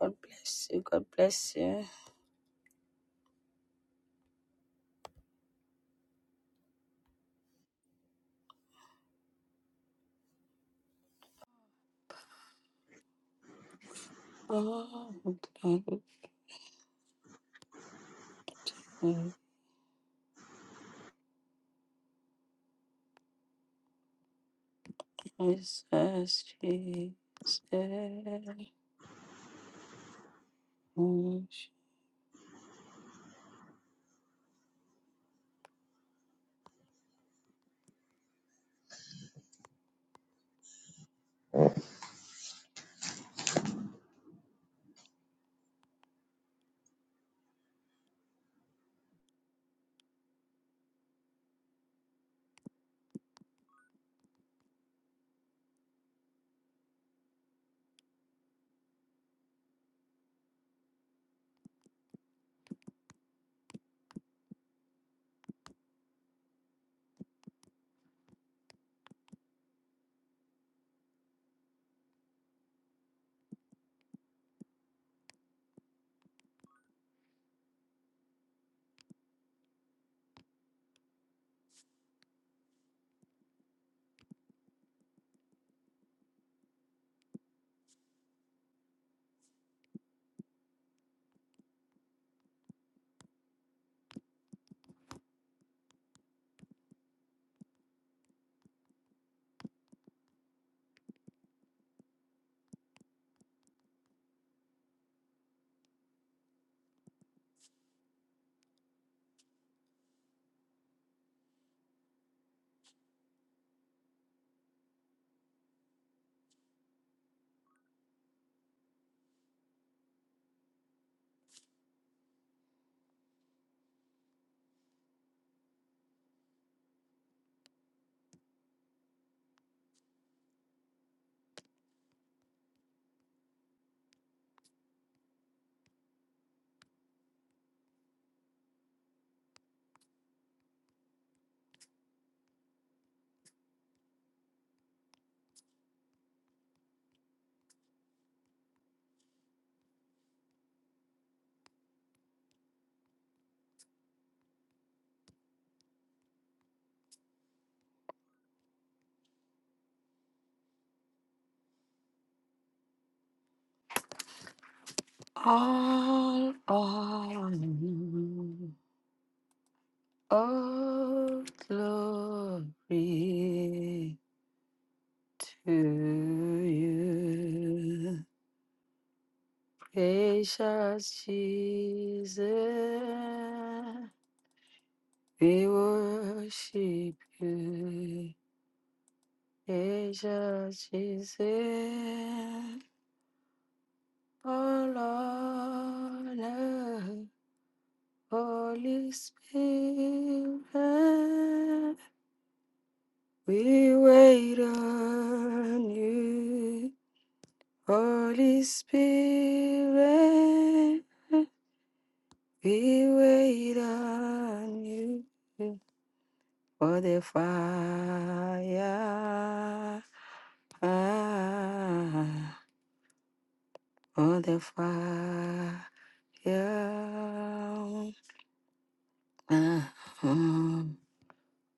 God bless you. God bless you. Oh, thank you, Jesus, Jesus. All honor, all glory to you, gracious Jesus. We worship you. Jesus is it, oh Lord, and Holy Spirit, we wait on you, Holy Spirit, we wait on you for the fire, ah, for the fire. Yeah. Uh-huh.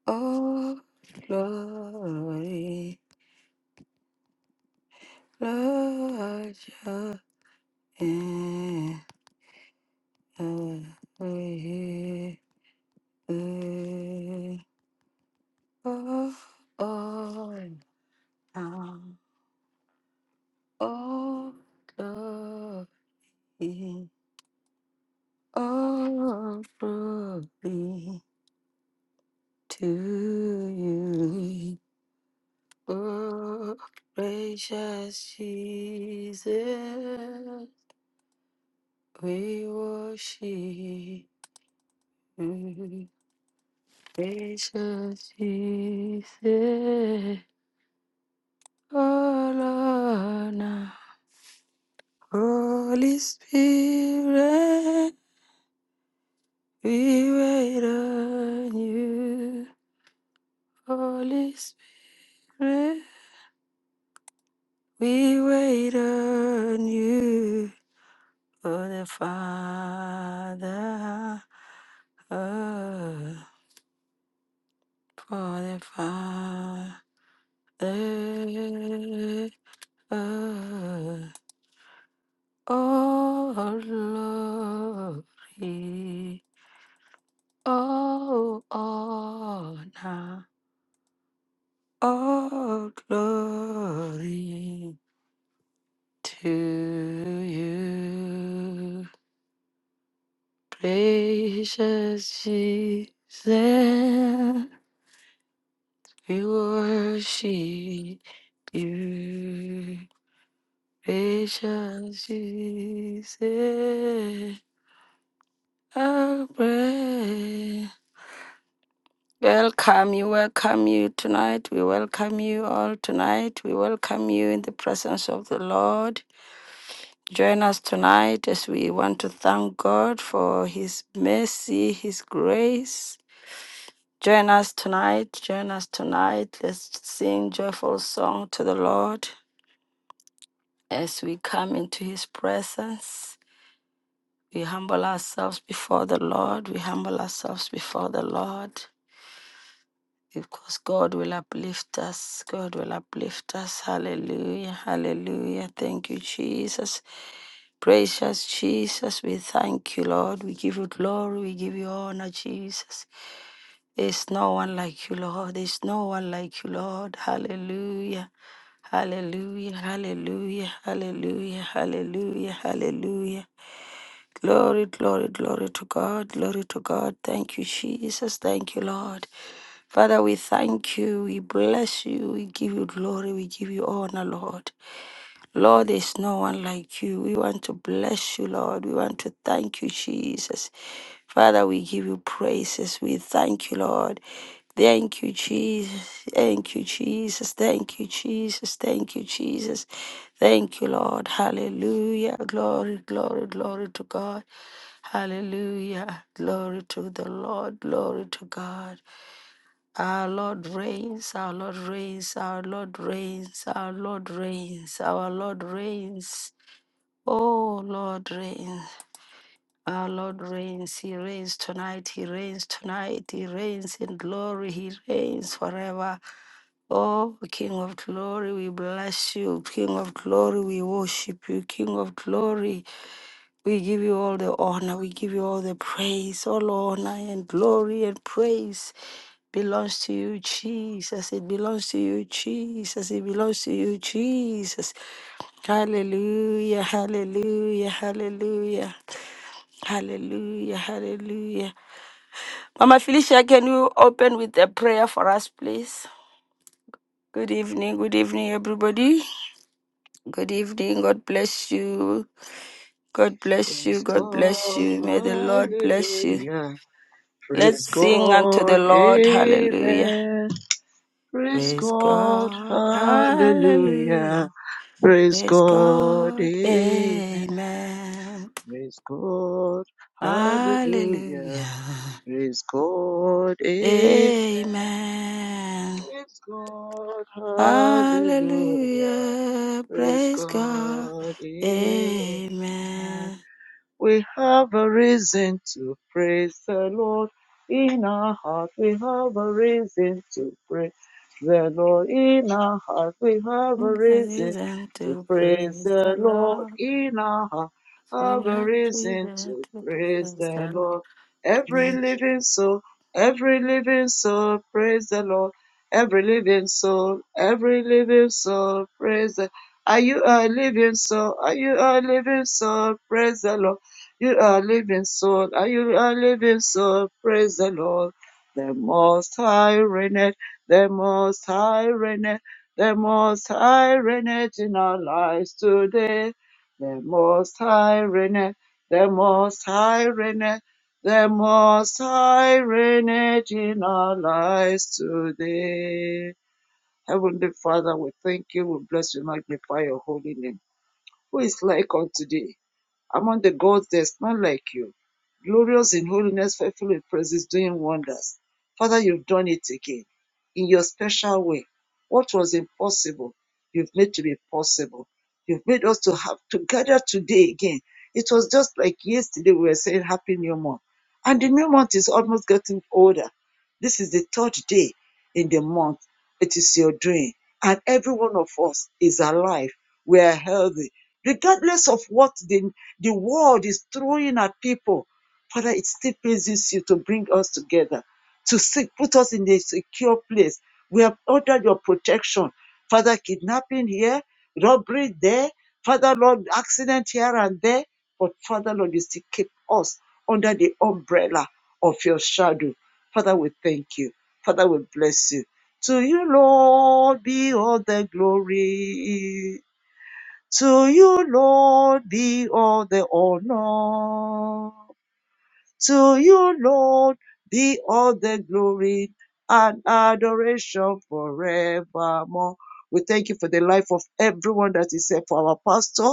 Oh, glory, Lord, your name. Oh, oh, now. oh, glory, oh, glory to you. Oh, precious Jesus, we worship you. Precious Jesus, all honor. Holy Spirit, we wait on you. Holy Spirit, we wait on you. Oh, the Father, oh, for the Father, oh, oh, glory, oh, honor, oh, glory to you, precious Jesus. We worship you, precious Jesus. Our prayer. Welcome you, welcome you tonight. We welcome you all tonight. We welcome you in the presence of the Lord. Join us tonight as we want to thank God for His mercy, His grace. Join us tonight. Join us tonight. Let's sing joyful song to the Lord. As we come into his presence, we humble ourselves before the Lord. We humble ourselves before the Lord because God will uplift us. God will uplift us. Hallelujah. Hallelujah. Thank you, Jesus. Precious Jesus, we thank you, Lord. We give you glory. We give you honor, Jesus. There's no one like you, Lord. There's no one like you, Lord. Hallelujah. Hallelujah. Hallelujah. Hallelujah. Hallelujah. Hallelujah. Glory, glory, glory to God. Glory to God. Thank you, Jesus. Thank you, Lord. Father, we thank you. We bless you. We give you glory. We give you honor, Lord. Lord, there's no one like you. We want to bless you, Lord. We want to thank you, Jesus. Father, we give you praises. We thank you, Lord. Thank you, Jesus. Thank you, Jesus. Thank you, Jesus. Thank you, Jesus. Thank you, Lord. Hallelujah. Glory, glory, glory to God. Hallelujah. Glory to the Lord. Glory to God. Our Lord reigns, our Lord reigns, our Lord reigns, our Lord reigns, our Lord reigns. Oh, Lord reigns. Our Lord reigns, He reigns tonight, He reigns tonight, He reigns in glory, He reigns forever. Oh, King of glory, we bless you. King of glory, we worship you. King of glory, we give you all the honor, we give you all the praise. All honor and glory and praise belongs to you, Jesus. It belongs to you, Jesus. It belongs to you, Jesus. Hallelujah, hallelujah, hallelujah. Hallelujah, hallelujah. Mama Felicia, can you open with a prayer for us, please? Good evening, good evening, everybody. Good evening, God bless you. God bless you, Praise God bless God, you. May the Lord bless you. hallelujah. Let's Praise sing unto the God, Lord, hallelujah. amen. Praise Praise God, God, hallelujah. hallelujah. Praise Praise God, God, amen. amen. Praise God, hallelujah. Hallelujah, Praise God, amen. amen. Praise God, hallelujah. Hallelujah. Praise Praise God. God, amen. Amen. We have a reason to praise the Lord in our heart. We have a reason to praise the Lord in our heart. We have a reason Reason to to praise praise the the Lord Lord. in our heart. We Have a have reason reason to to praise praise the the Lord. Every Lord. living soul, every living soul, praise the Lord. Every living soul, every living soul, praise the. Are you a living soul? Are you a living soul? Praise the Lord. You are living soul, are you are living soul, praise the Lord. The most high reigneth, the most high reigneth, the most high reigneth in our lives today. The most high reigneth, the most high reigneth, the most high reigneth in our lives today. Heavenly Father, we thank you, we bless you, magnify your holy name. Who is like unto thee? Among the gods, there's none like you. Glorious in holiness, faithful in praises, doing wonders. Father, you've done it again in your special way. What was impossible, you've made to be possible. You've made us to have to gather today again. It was just like yesterday we were saying Happy New Month. And the new month is almost getting older. This is the third day in the month. It is your dream. And every one of us is alive. We are healthy regardless of what the the world is throwing at people. Father, it still pleases you to bring us together, to seek, put us in a secure place. We have ordered your protection. Father, kidnapping here, robbery there, Father, Lord, accident here and there. But Father, Lord, you still keep us under the umbrella of your shadow. Father, we thank you. Father, we bless you. To you, Lord, be all the glory. To you, Lord, be all the honor. To you, Lord, be all the glory and adoration forevermore. We thank you for the life of everyone that is here for our pastor.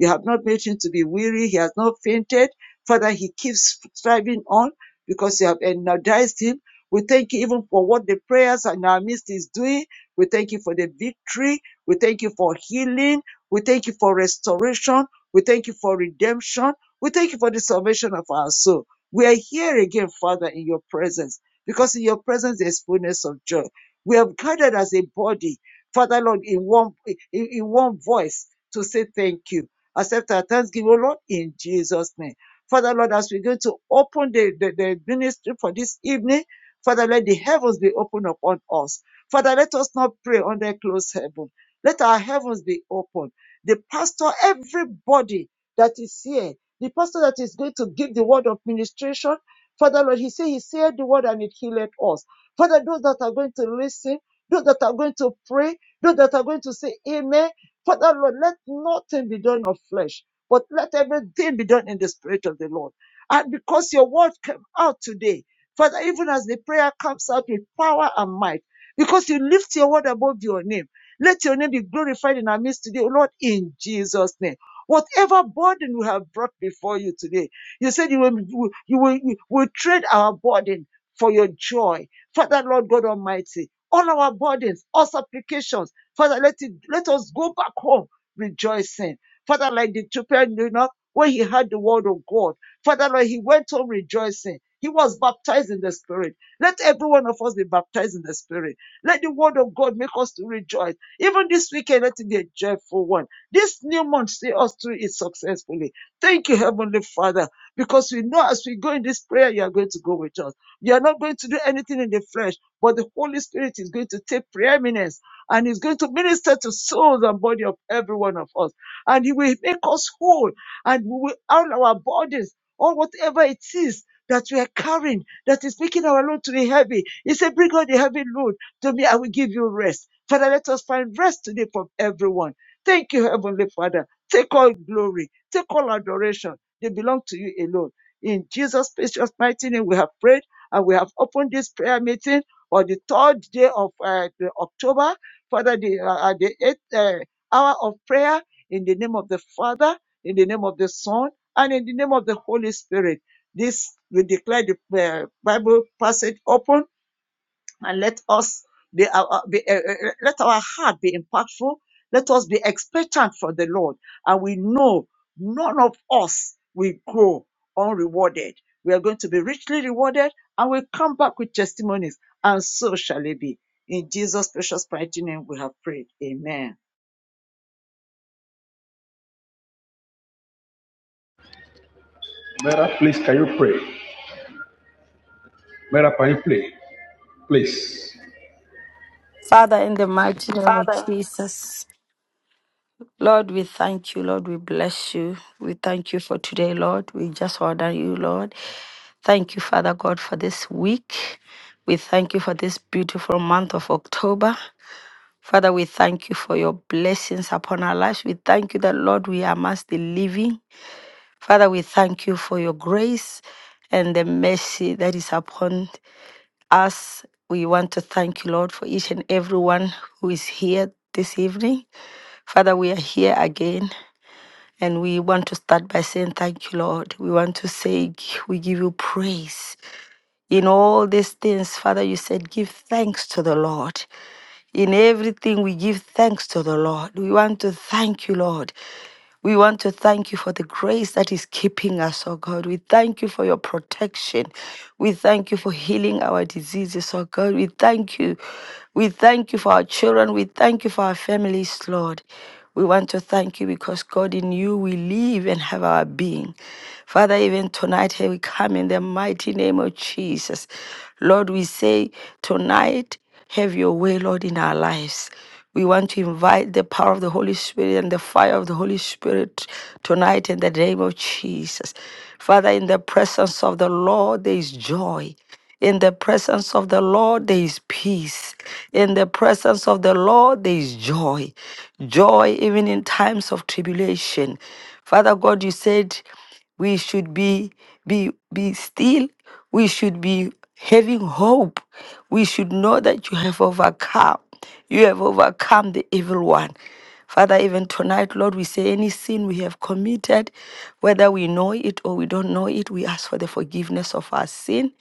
You have not made him to be weary. He has not fainted. Father, he keeps striving on because you have energized him. We thank you even for what the prayers and our midst is doing. We thank you for the victory. We thank you for healing. We thank you for restoration. We thank you for redemption. We thank you for the salvation of our soul. We are here again, Father, in your presence, because in your presence there's fullness of joy. We have gathered as a body, Father Lord, in one in, in one voice to say thank you. Accept our thanksgiving, O Lord, in Jesus' name. Father Lord, as we're going to open the, the, the ministry for this evening, Father, let the heavens be open upon us. Father, let us not pray under closed heaven. Let our heavens be open. The pastor, everybody that is here. The pastor that is going to give the word of ministration, Father Lord, He said He said the word and it healed us. Father, those that are going to listen, those that are going to pray, those that are going to say Amen, Father Lord, let nothing be done of flesh, but let everything be done in the spirit of the Lord. And because your word came out today, Father, even as the prayer comes out with power and might, because you lift your word above your name, let your name be glorified in our midst today, Lord, in Jesus' name. Whatever burden we have brought before you today, you said you will, you will, you will trade our burden for your joy. Father, Lord God Almighty, all our burdens, all supplications, Father, let it, let us go back home rejoicing. Father, like the children, you know, when he heard the word of God, Father, Lord, he went home rejoicing. He was baptized in the Spirit. Let every one of us be baptized in the Spirit. Let the word of God make us to rejoice. Even this weekend, let it be a joyful one. This new month, see us through it successfully. Thank you, Heavenly Father, because we know as we go in this prayer, you are going to go with us. You are not going to do anything in the flesh, but the Holy Spirit is going to take preeminence and is going to minister to souls and body of every one of us. And He will make us whole and we will all our bodies or whatever it is that we are carrying that is making our load to be heavy. He said, Bring all the heavy load to me, I will give you rest. Father, let us find rest today from everyone Thank you, Heavenly Father. Take all glory, take all adoration. They belong to you alone. In Jesus' precious mighty name, we have prayed and we have opened this prayer meeting on the third day of uh, the October, Father, the, uh, at the eighth uh, hour of prayer, in the name of the Father, in the name of the Son, and in the name of the Holy Spirit. This we declare the uh, Bible passage open and let us be, uh, uh, be uh, uh, uh, let our heart be impactful. Let us be expectant for the Lord, and we know none of us will go unrewarded. We are going to be richly rewarded, and we will come back with testimonies, and so shall it be. In Jesus' precious mighty name, we have prayed. Amen. Mera, please, can you pray? Mera, can you play? Please. Father, in the mighty name of Jesus, Lord, we thank you. Lord, we bless you. We thank you for today, Lord. We just order you, Lord. Thank you, Father God, for this week. We thank you for this beautiful month of October. Father, we thank you for your blessings upon our lives. We thank you that, Lord, we are amongst the living. Father, we thank you for your grace and the mercy that is upon us. We want to thank you, Lord, for each and everyone who is here this evening. Father, we are here again. And we want to start by saying thank you, Lord. We want to say we give you praise. In all these things, Father, you said give thanks to the Lord. In everything, we give thanks to the Lord. We want to thank you, Lord. We want to thank you for the grace that is keeping us, oh God. We thank you for your protection. We thank you for healing our diseases, oh God. We thank you. We thank you for our children. We thank you for our families, Lord. We want to thank you because, God, in you we live and have our being. Father, even tonight, here we come in the mighty name of Jesus. Lord, we say, tonight, have your way, Lord, in our lives. We want to invite the power of the Holy Spirit and the fire of the Holy Spirit tonight in the name of Jesus. Father, in the presence of the Lord, there is joy. In the presence of the Lord, there is peace. In the presence of the Lord, there is joy. Joy even in times of tribulation. Father God, you said we should be, be, be still. We should be having hope. We should know that you have overcome. You have overcome the evil one. Father, even tonight, Lord, we say any sin we have committed, whether we know it or we don't know it, we ask for the forgiveness of our sin.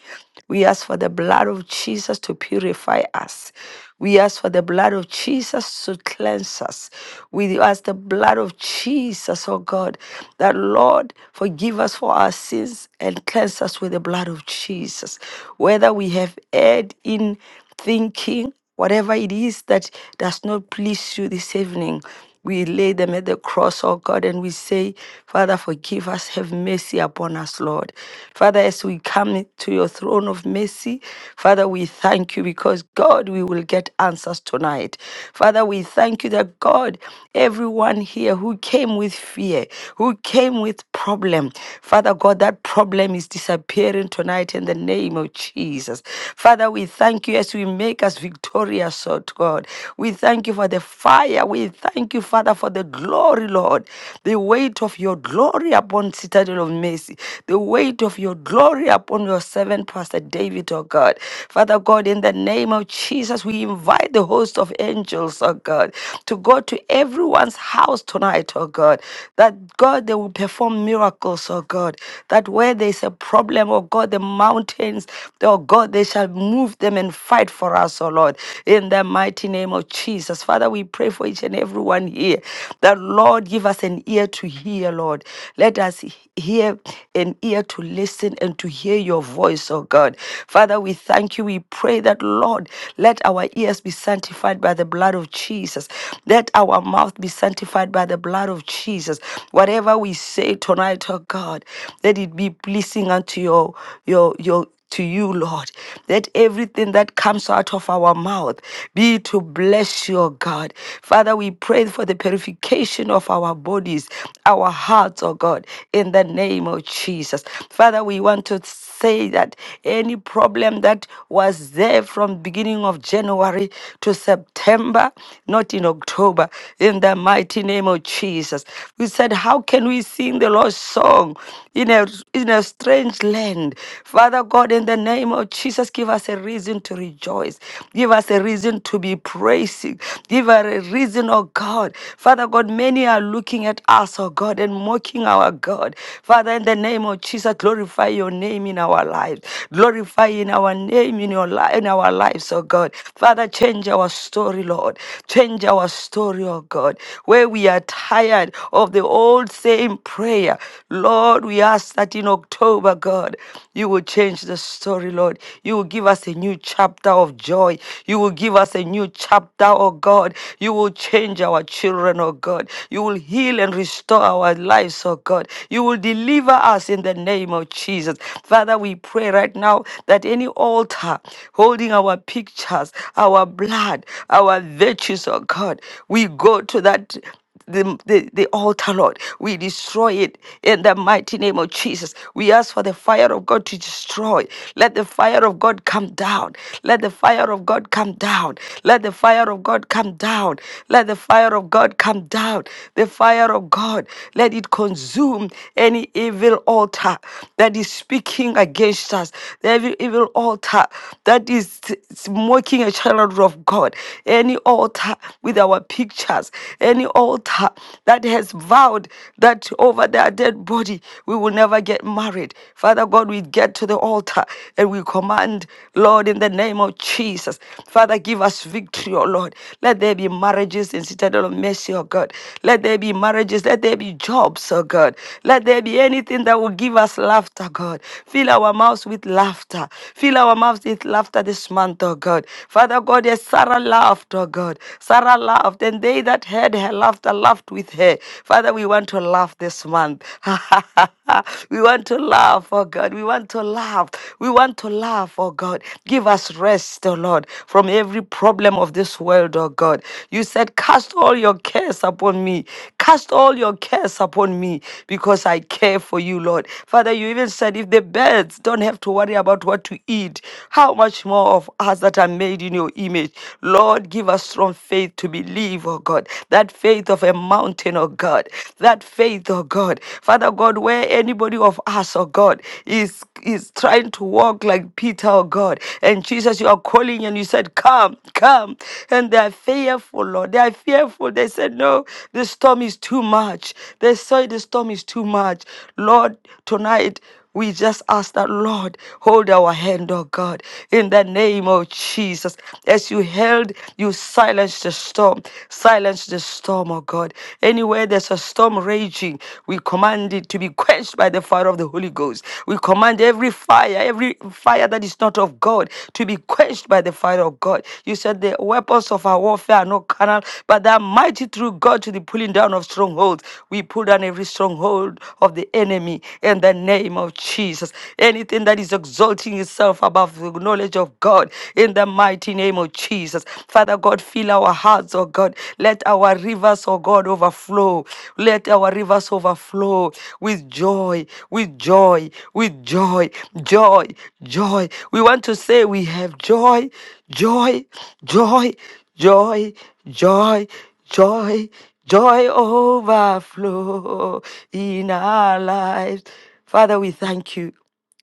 We ask for the blood of Jesus to purify us. We ask for the blood of Jesus to cleanse us. We ask the blood of Jesus, oh God, that Lord, forgive us for our sins and cleanse us with the blood of Jesus. Whether we have erred in thinking, Whatever it is that does not please you this evening, we lay them at the cross, oh God, and we say, Father, forgive us, have mercy upon us, Lord. Father, as we come to your throne of mercy, Father, we thank you because, God, we will get answers tonight. Father, we thank you that, God, everyone here who came with fear, who came with problem, Father God, that problem is disappearing tonight in the name of Jesus. Father, we thank you as we make us victorious, oh God. We thank you for the fire. We thank you, Father, for the glory, Lord. The weight of your glory upon Citadel of Mercy. The weight of your glory upon your servant, Pastor David, oh God. Father God, in the name of Jesus, we invite the host of angels, oh God, to go to everyone's house tonight, oh God. That God, they will perform miracles, oh God. That where there's a problem, oh God, the mountains, Oh God, they shall move them and fight for us, oh Lord, in the mighty name of Jesus. Father, we pray for each and everyone here. that Lord, give us an ear to hear, Lord. Let us hear an ear to listen and to hear your voice, oh God. Father, we thank you. We pray that, Lord, let our ears be sanctified by the blood of Jesus. Let our mouth be sanctified by the blood of Jesus. Whatever we say tonight, oh God, let it be pleasing unto your your your to you, Lord, that everything that comes out of our mouth be to bless you, O God. Father, we pray for the purification of our bodies, our hearts, oh God, in the name of Jesus. Father, we want to say that any problem that was there from beginning of January to September, not in October, in the mighty name of Jesus. We said, how can we sing the Lord's song in a in a strange strange land. Father God, in the name of Jesus, give us a reason to rejoice. Give us a reason to be praising. Give us a reason, oh God. Father God, many are looking at us, oh God, and mocking our God. Father, in the name of Jesus, glorify your name in our lives. Glorify in our name in your life in our lives, oh God. Father, change our story, Lord. Change our story, oh God. Where we are tired of the old same prayer. Lord, we ask that in October, God, you will change the story, Lord. You will give us a new chapter of joy. You will give us a new chapter, oh God. You will change our children, oh God. You will heal and restore our lives, oh God. You will deliver us in the name of Jesus. Father, we pray right now that any altar holding our pictures, our blood, our virtues, oh God, we go to that the, the, the altar, Lord. We destroy it in the mighty name of Jesus. We ask for the fire of God to destroy. Let the fire of God come down. Let the fire of God come down. Let the fire of God come down. Let the fire of God come down. The fire of God, let it consume any evil altar that is speaking against us. Every evil altar that is mocking a child of God. Any altar with our people pictures, any altar that has vowed that over their dead body we will never get married. Father God, we get to the altar and we command, Lord, in the name of Jesus, Father, give us victory, O Lord. Let there be marriages in Citadel of Mercy, O God. Let there be marriages. Let there be jobs, O God. Let there be anything that will give us laughter, God. Fill our mouths with laughter. Fill our mouths with laughter this month, O God. Father God, as Sarah laughed, laughed, oh God. Sarah laughed, and they that heard her laughter laughed with her. Father, we want to laugh this month. we want to laugh, oh God. We want to laugh. We want to laugh, oh God. Give us rest, oh Lord, from every problem of this world, oh God. You said, Cast all your cares upon me. Cast all your cares upon me because I care for you, Lord. Father, you even said, If the birds don't have to worry about what to eat, how much more of us that are made in your in your image. Lord, give us strong faith to believe, oh God, that faith of a mountain, oh God, that faith, oh God. Father God, where anybody of us, oh God, is is trying to walk like Peter, oh God, and Jesus, you are calling and you said, Come, come. And they are fearful, Lord. They are fearful. They said, No, the storm is too much. They say the storm is too much. Lord, tonight, we just ask that, Lord, hold our hand, oh God, in the name of Jesus. As you held, you silenced the storm. Silence the storm, oh God. Anywhere there's a storm raging, we command it to be quenched by the fire of the Holy Ghost. We command every fire, every fire that is not of God, to be quenched by the fire of God. God. You said the weapons of our warfare are not carnal, but they are mighty through God to the pulling down of strongholds. We pull down every stronghold of the enemy in the name of Jesus. Anything that is exalting itself above the knowledge of God in the mighty name of Jesus. Father God, fill our hearts, oh God. Let our rivers, oh God, overflow overflow. Let our rivers overflow with joy, with joy, with joy, joy, joy. We want to say we have joy, joy, joy, joy, joy, joy, joy overflow in our lives. Father, we thank you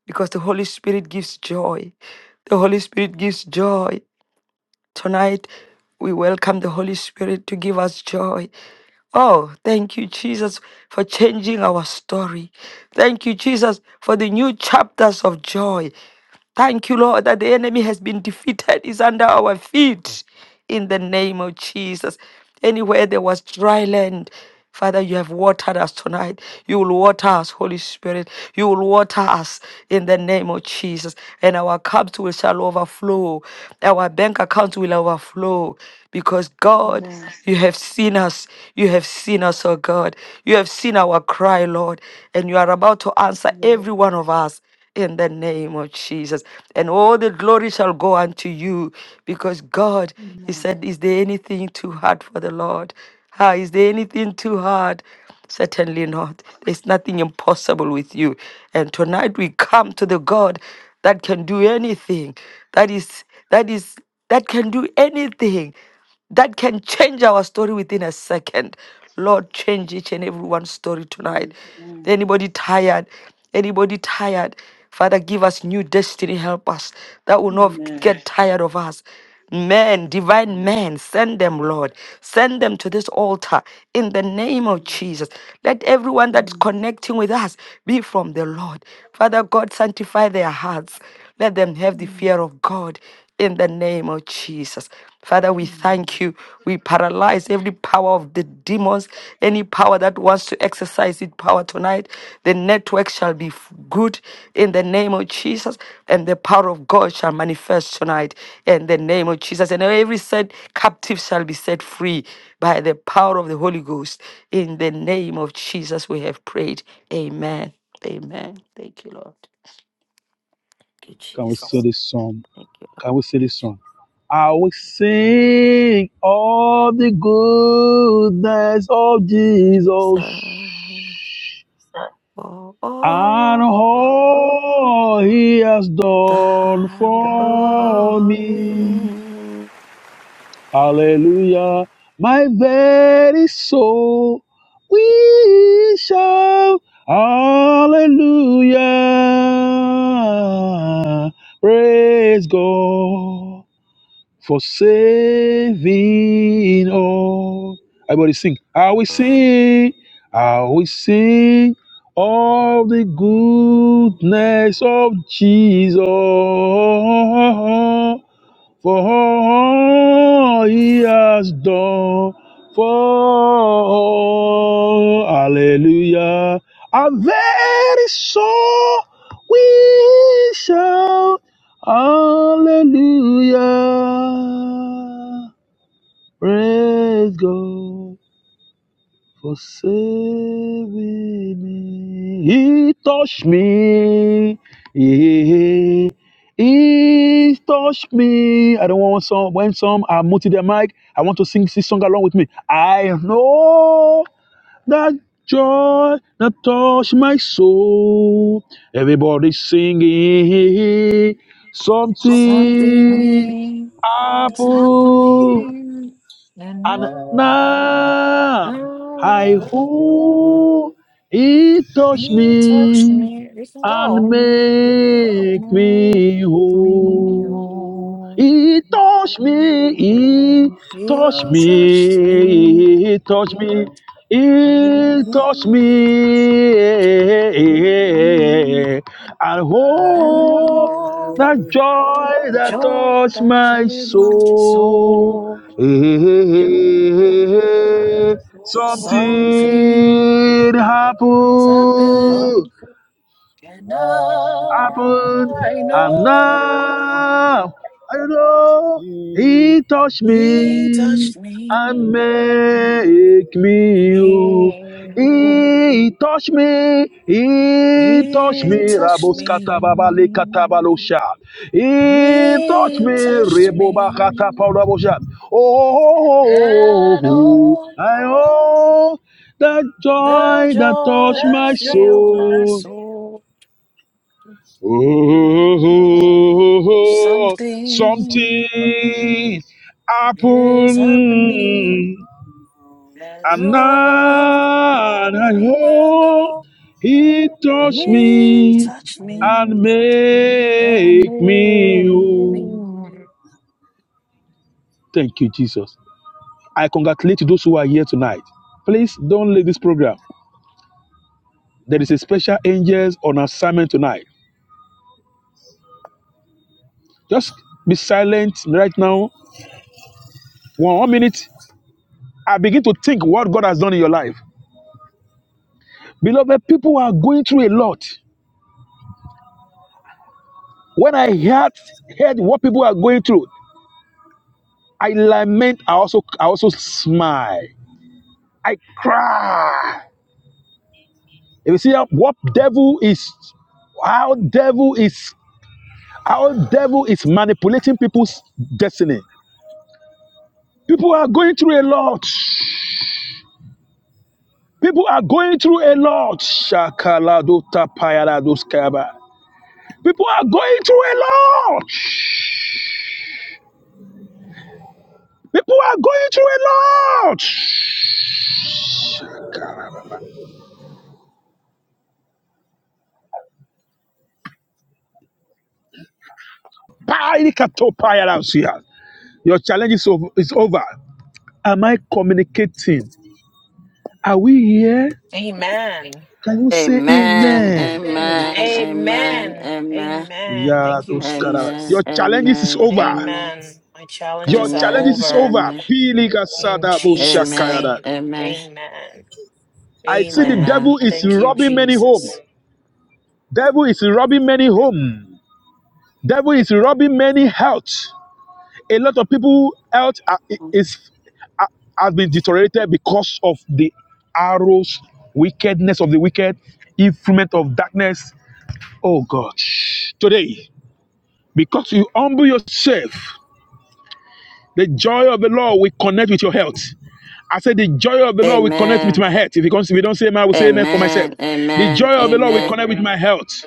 because the Holy Spirit gives joy. The Holy Spirit gives joy. Tonight, we welcome the Holy Spirit to give us joy. Oh, thank you, Jesus, for changing our story. Thank you, Jesus, for the new chapters of joy. Thank you, Lord, that the enemy has been defeated, is under our feet in the name of Jesus. Anywhere there was dry land, Father, you have watered us tonight. You will water us, Holy Spirit. You will water us in the name of Jesus. And our cups will shall overflow. Our bank accounts will overflow. Because God, Amen. you have seen us. You have seen us, oh God. You have seen our cry, Lord. And you are about to answer Yes. every one of us in the name of Jesus. And all the glory shall go unto you because God, He Amen. said, Is there anything too hard for the Lord? Ah, is there anything too hard? Certainly not. There's nothing impossible with you. And tonight we come to the God that can do anything. That is, that is, that can do anything that can change our story within a second. Lord, change each and everyone's story tonight. Amen. Amen. Anybody tired? Anybody tired? Father, give us new destiny. Help us that will not Amen. get tired of us. Men, divine Amen. men, send them, Lord. Send them to this altar in the name of Jesus. Let everyone that's Amen. connecting with us be from the Lord. Father God, sanctify their hearts. Let them have the Amen. fear of God in the name of Jesus. Father, we Amen. thank you. We paralyze every power of the demons, any power that wants to exercise its power tonight. The network shall be f- good in the name of Jesus, and the power of God shall manifest tonight in the name of Jesus. And every set captive shall be set free by the power of the Holy Ghost. In the name of Jesus, we have prayed. Amen. Amen. Thank you, Lord. Thank you, Can we Jesus. sing this song? Thank you. Can we sing this song? I will sing all the goodness of Jesus Lord. for and all all he has done time for for me. me. Hallelujah. My very soul, we shout hallelujah. Praise God for saving all. Everybody sing. I will sing. I will sing all the goodness of Jesus for all he has done for us. hallelujah and very soon we shout hallelujah praise god for saving me he touched me Yeah. He touched me. I don't want some. When some are muted their mic, I want to sing this song along with me. I know that joy that touched my soul. Everybody singing Now I something Something's happened. happening, and And I now I know hope he touch he touched me me. We can and go. make Make me me whole. whole. He touch me, he touch He touched me. me, he touch me, he touch And me. And oh, all that joy that joy touched that my filled my soul. soul. Hey, hey, hey, hey, hey, hey. Something's Something happened, happened and now happened, I and know know. now I know He touched He me touched me. and make me new. me. He touched me, He touched me, He touched Rabos Katababale me. Katabalosha. He touched He me, touched Reboba me. Katabalosha. Oh, oh, oh, oh, And oh, oh, I oh, that the joy that joy touched that my filled my soul. soul. it is Oh, Something something is happening. happened, And and oh, now I and hope oh, he touched he me touched me and and make me made whole. me Thank you, Jesus. I congratulate those who are here tonight. Please don't leave this program. There is a special angels on assignment tonight. Just be silent right now. One minute I begin to think what God has done in your life. Beloved, people are going through a lot. When I heard, heard what people are going through, I lament, I also, I also smile. I cry. If you see how- what devil is, how devil is, how devil is manipulating people's destiny. People are going through a lot. People are going through a lot. Shakalado tapayalados People are going through a lot. People are going through a lot. Your challenge is over. Is over. Am I communicating? Are we here? Amen. Can you say Amen, amen? Amen. Amen. Amen. Amen. Amen. amen, amen, Amen. amen, Amen. Yeah, Thank you, those kind of- amen, amen, Your Jesus. challenges is amen, over. amen, Amen. My Your challenges are challenges amen, amen, is over over. amen, in Pilikasadabu Jesus' amen, name. amen, Amen. I see the Amen. devil is Thank you, robbing many home. Jesus. Devil is robbing many home. Devil is robbing many health. a lot of people health are- is are- has been deteriorated because of the arrows, wickedness of the wicked, influence of darkness. Oh God, today because you humble yourself, the joy of the Lord will connect with your health. I said the joy of the Lord will connect with amen, my health. If you can't- if you don't say amen, I will say amen for myself. The amen, joy of the Lord will amen. connect with my health.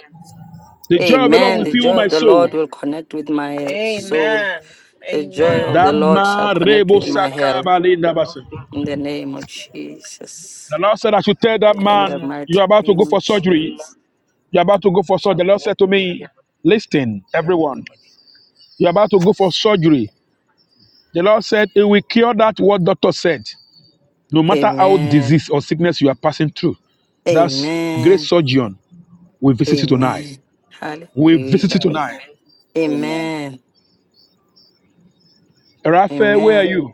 The joy of the Lord Amen. will The fill joy of my the soul. Lord will connect with my soul. Amen. The joy of the Amen. Lord shall Dama connect rebo with my health. sakabalinda basa. In the name of Jesus. The Lord said, I should tell that In the man, mighty you're about to name go for of surgery. Jesus. You're about to go for surgery. The Lord said to me, Listen, everyone, you're about to go for surgery. The Lord said, It will cure that what doctor said, no matter how Amen. disease or sickness you are passing through. That's great Amen. surgeon. We visit you tonight. Amen. We visit Hallelujah. you Amen. tonight. Amen. Amen. Raphael, where are Amen. you?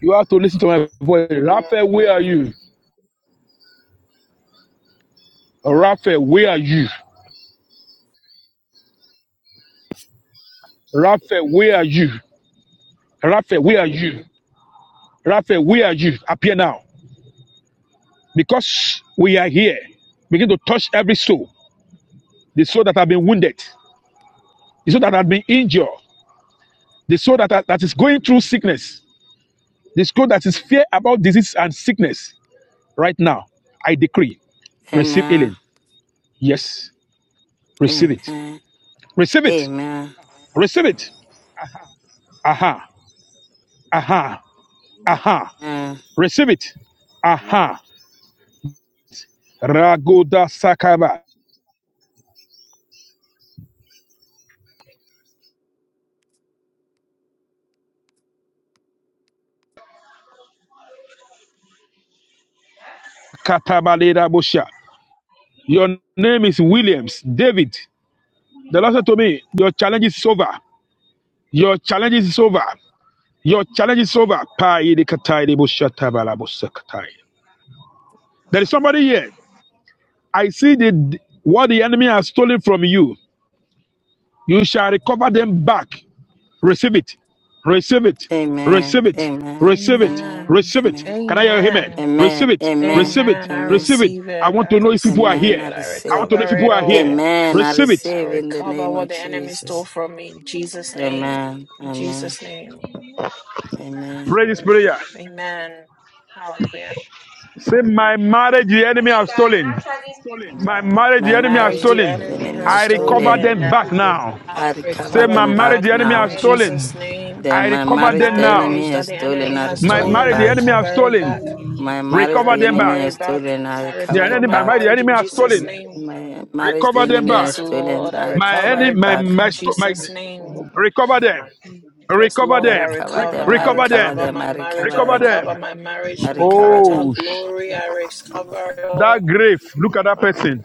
You have to listen to my voice. Raphael, where are you? Raphael, where are you? Raphael, where are you? Raphael, where are you? Raphael, where are you? Appear now. Because we are here, begin to touch every soul, the soul that have been wounded, the soul that have been injured, the soul that, are- that is going through sickness, the soul that is fear about disease and sickness. Right now, I decree, Amen. receive Amen. healing. Yes, receive it. Amen. Receive it. Amen. Receive it. Aha. Aha. Amen. Aha. Amen. Receive it. Amen. Aha. Ragoda Sakaba. Katabalera Bosha. Your name is Williams. David. The Lord said to me, Your challenge is over. Your challenge is over. Your challenge is over. There is somebody here. I see the what the enemy has stolen from you. You shall recover them back. Receive it. Receive it. Amen. Receive it. Amen. Receive it. Amen. Amen. Receive it. Can I hear him? Amen. Receive Amen. it. Amen. Receive it. Amen. I Amen. Receive it. receive I it. want I to know if people are receive Amen. here. I it. I I receive. want to know if recover people it are here. all. Amen. I Receive it. I receive in the recover name of what the And enemy stole Jesus. from me. In Jesus' name. Amen. In Amen. Jesus' name. Amen. Pray this prayer. Amen. Hallelujah. Say, My marriage, You the can, enemy you has can stolen. actually speak with My her. marriage, My the My enemy has marriage, marriage, the stolen. the enemy enemy has has I recover stolen. I'm a stolen. them Yeah. back coded now. person. I I Say, recover recover my them them marriage, back back the enemy now now has in Hello? stolen. Jesus' name. The I my My recover marriage, them the Amen. now. marriage enemy that has the stolen, enemy I has My recover it stolen, marriage, I the back. enemy has recover it stolen. back. My I marriage, Recover the them enemy back. recover has it back. stolen, I I The recover recover enemy, it my my marriage, back. the marriage enemy in has Jesus' stolen. name. My marriage, the Recover them enemy back. Yes, has stolen, Lord, I I My recover recover enemy, it it my, back back. in my, sto- my, Jesus' name. recover them. mighty that Mm. did not Yes, Recover I still Lord, I them. in recover Break up. recover. them, I I Recover Jesus' recover them. recover them, my I mighty marriage. name. recover I Recover them, recover them. my Cover marriage, I my the recover marital Oh, them. mighty sh- to glory. I Jesus' recover mighty it name. all that grave. Look at that person.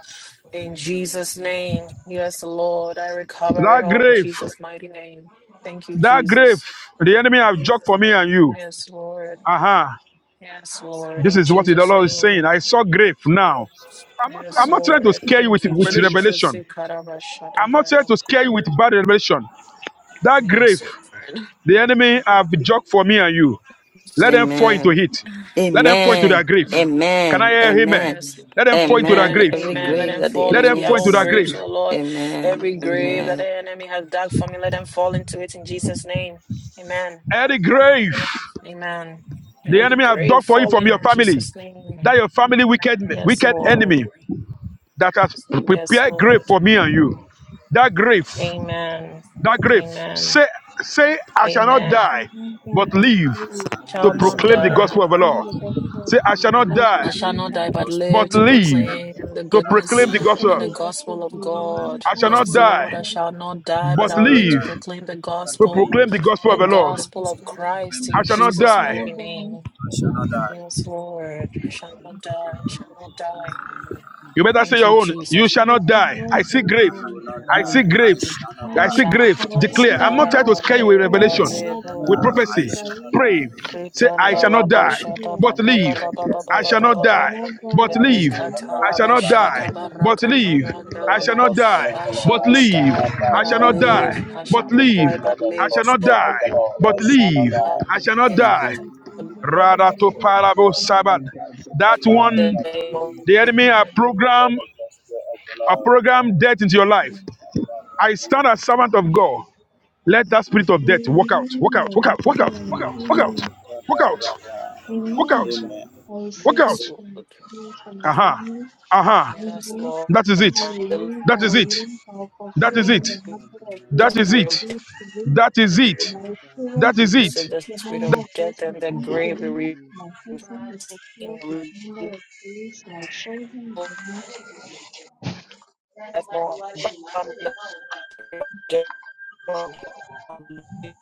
in Yes, Lord Jesus' Jesus. name. Yes, Lord, I recover it That all in grave. Jesus' mighty name. Thank you, That grave. Jesus. The enemy have joked for me and you. Yes, Lord. Uh huh. Yes, Lord, This in is what the Jesus' Lord is name. saying. I saw grave now. I'm afraid Yes, I'm of not trying to Lord. scare you Thank with, you, with revelations. Jesus. revelation. I'm not trying Ikarabashadabaya. to scare you with bad revelation. That Yes, grave, Lord. the enemy have dug for me and you. Let them fall into Amen. it. Let them fall Yes. into their Amen. grave. Can I Amen. hear amen? Amen. Yes. Let them fall into their Amen. Amen. grave. Every Amen. Let grave them Amen. that the fall Let into them enemy their fall into own their has. graves, Amen. grave. oh Lord. Amen. Every grave Amen. that Amen. the enemy has dug for me, let them fall into it in Jesus' name. Amen. Any grave Amen. the Every enemy have grave dug for you from falling your in family, Jesus' that name. your family wicked Yes, wicked Lord. enemy that has Yes, prepared grave Lord. for me and you. That grave. Amen. that grave. Amen. Say, say, I shall not I Amen. shall die, not die but but I live live That's shall, a to Shall I not shall proclaim not the wonderful to die. die gospel of but the I name. proclaim Lord. the live The gospel of Say, the I shall not to Lord. beginning I of die, shall I the shall proclaim not not die die the name. but gospel of but but live the to As Lord. I I live shall live lay not proclaim die down the to but what to goodness proclaim the live lay to proclaim and gospel. the the gospel of gospel to of the Lord. proclaim God. the I proclaim I shall the not shall Yes, gospel. not of- Lord, gospel die, I of die the shall Lord. not I As die I but but but shall I'll lay not live to live live down die proclaim the but what to gospel, live to proclaim lay the gospel the of proclaim the the Lord. gospel to gospel of of the to proclaim Lord. the proclaim Christ the I in shall gospel of the not I gospel Jesus' Lord. of shall the die, mighty not Lord. die name. I As I shall lay not die. down Yes, Lord, I what shall lay not to die, I proclaim shall the not gospel die. of the Lord in You better say Thank your you, Jesus' own. You Jesus. shall mighty and I not name. shall die. I not see grave. I die. will not I see Samantha, die. I grave. shall I not I I see die. shall grave. Àwọn This or I tẹ́lẹ̀ any not Declare. ti shall die, I'm portion not not jáde trying member of of to die. I'll scare you my with live, family I I'll revelation, shall will live, not oh not with Samantha, die. die Lord. with I prophecy. the shall protect not live Pray. die. from to the Say, I gospel But of shall proclaim the the Rikandala the not Lord die, in bashata gospel of ba but the ba Jesus' ba ba declare Lord. live. the ba ba ba mighty I gospel ba shall of name. ba the The not ba ba. die, Lord. Kamoga but I that Samantha, shall live. we not use I Rikatala die. to shall protect not But die, protect bashata perform the the live but gospel of the gospel baraka Lord of live. the in declare I Lord. parandala the shall ba. not Jesus' die, gospel of the I mighty name. Lord. shall but I not shall live. The not die, I die. but shall I'll not But Kamoga Samantha, die, live. live protect I we but shall to use not in to die, live. declare but Jesus' the I protect live. shall not mighty gospel name. of the the die, Lord. but I gospel of the shall not live. Lord. God, die. Samantha, I protect shall not But it die. has in The live to Jesus' been Kamoga mighty declare the Rather name. to gospel of the parable Lord. Sabbath. Samantha, I shall protect That not in die. the the one, But mighty name name of- live of the enemy are to Jesus. declare programmed the gospel of the I Lord. program death into your life. I stand as servant of God. Let that spirit of death walk out, walk out, walk Amen. Amen. out, walk out, Look out. walk Amen, out, Father Amen. walk Lord. out, Amen. walk out, Amen. Amen, Amen. I Lord walk receive Yes, out. it Jesus. Lord. in prayer for my Aha, family. aha. Yes, Amen. Lord. That is it. I will live, I That is will it. live, I will That is fulfill it. Amen, the number Father of Lord. The That years is I spirit it. of failed to live. That is it. My Amen. Father, That experience is with Lord. the peace it. and food the the spirit number of of death ways I and the thank Amen, grave, Lord we to re- my Jesus. husband, the poor, the we re- number of police, my children, death more abundant. Thank you,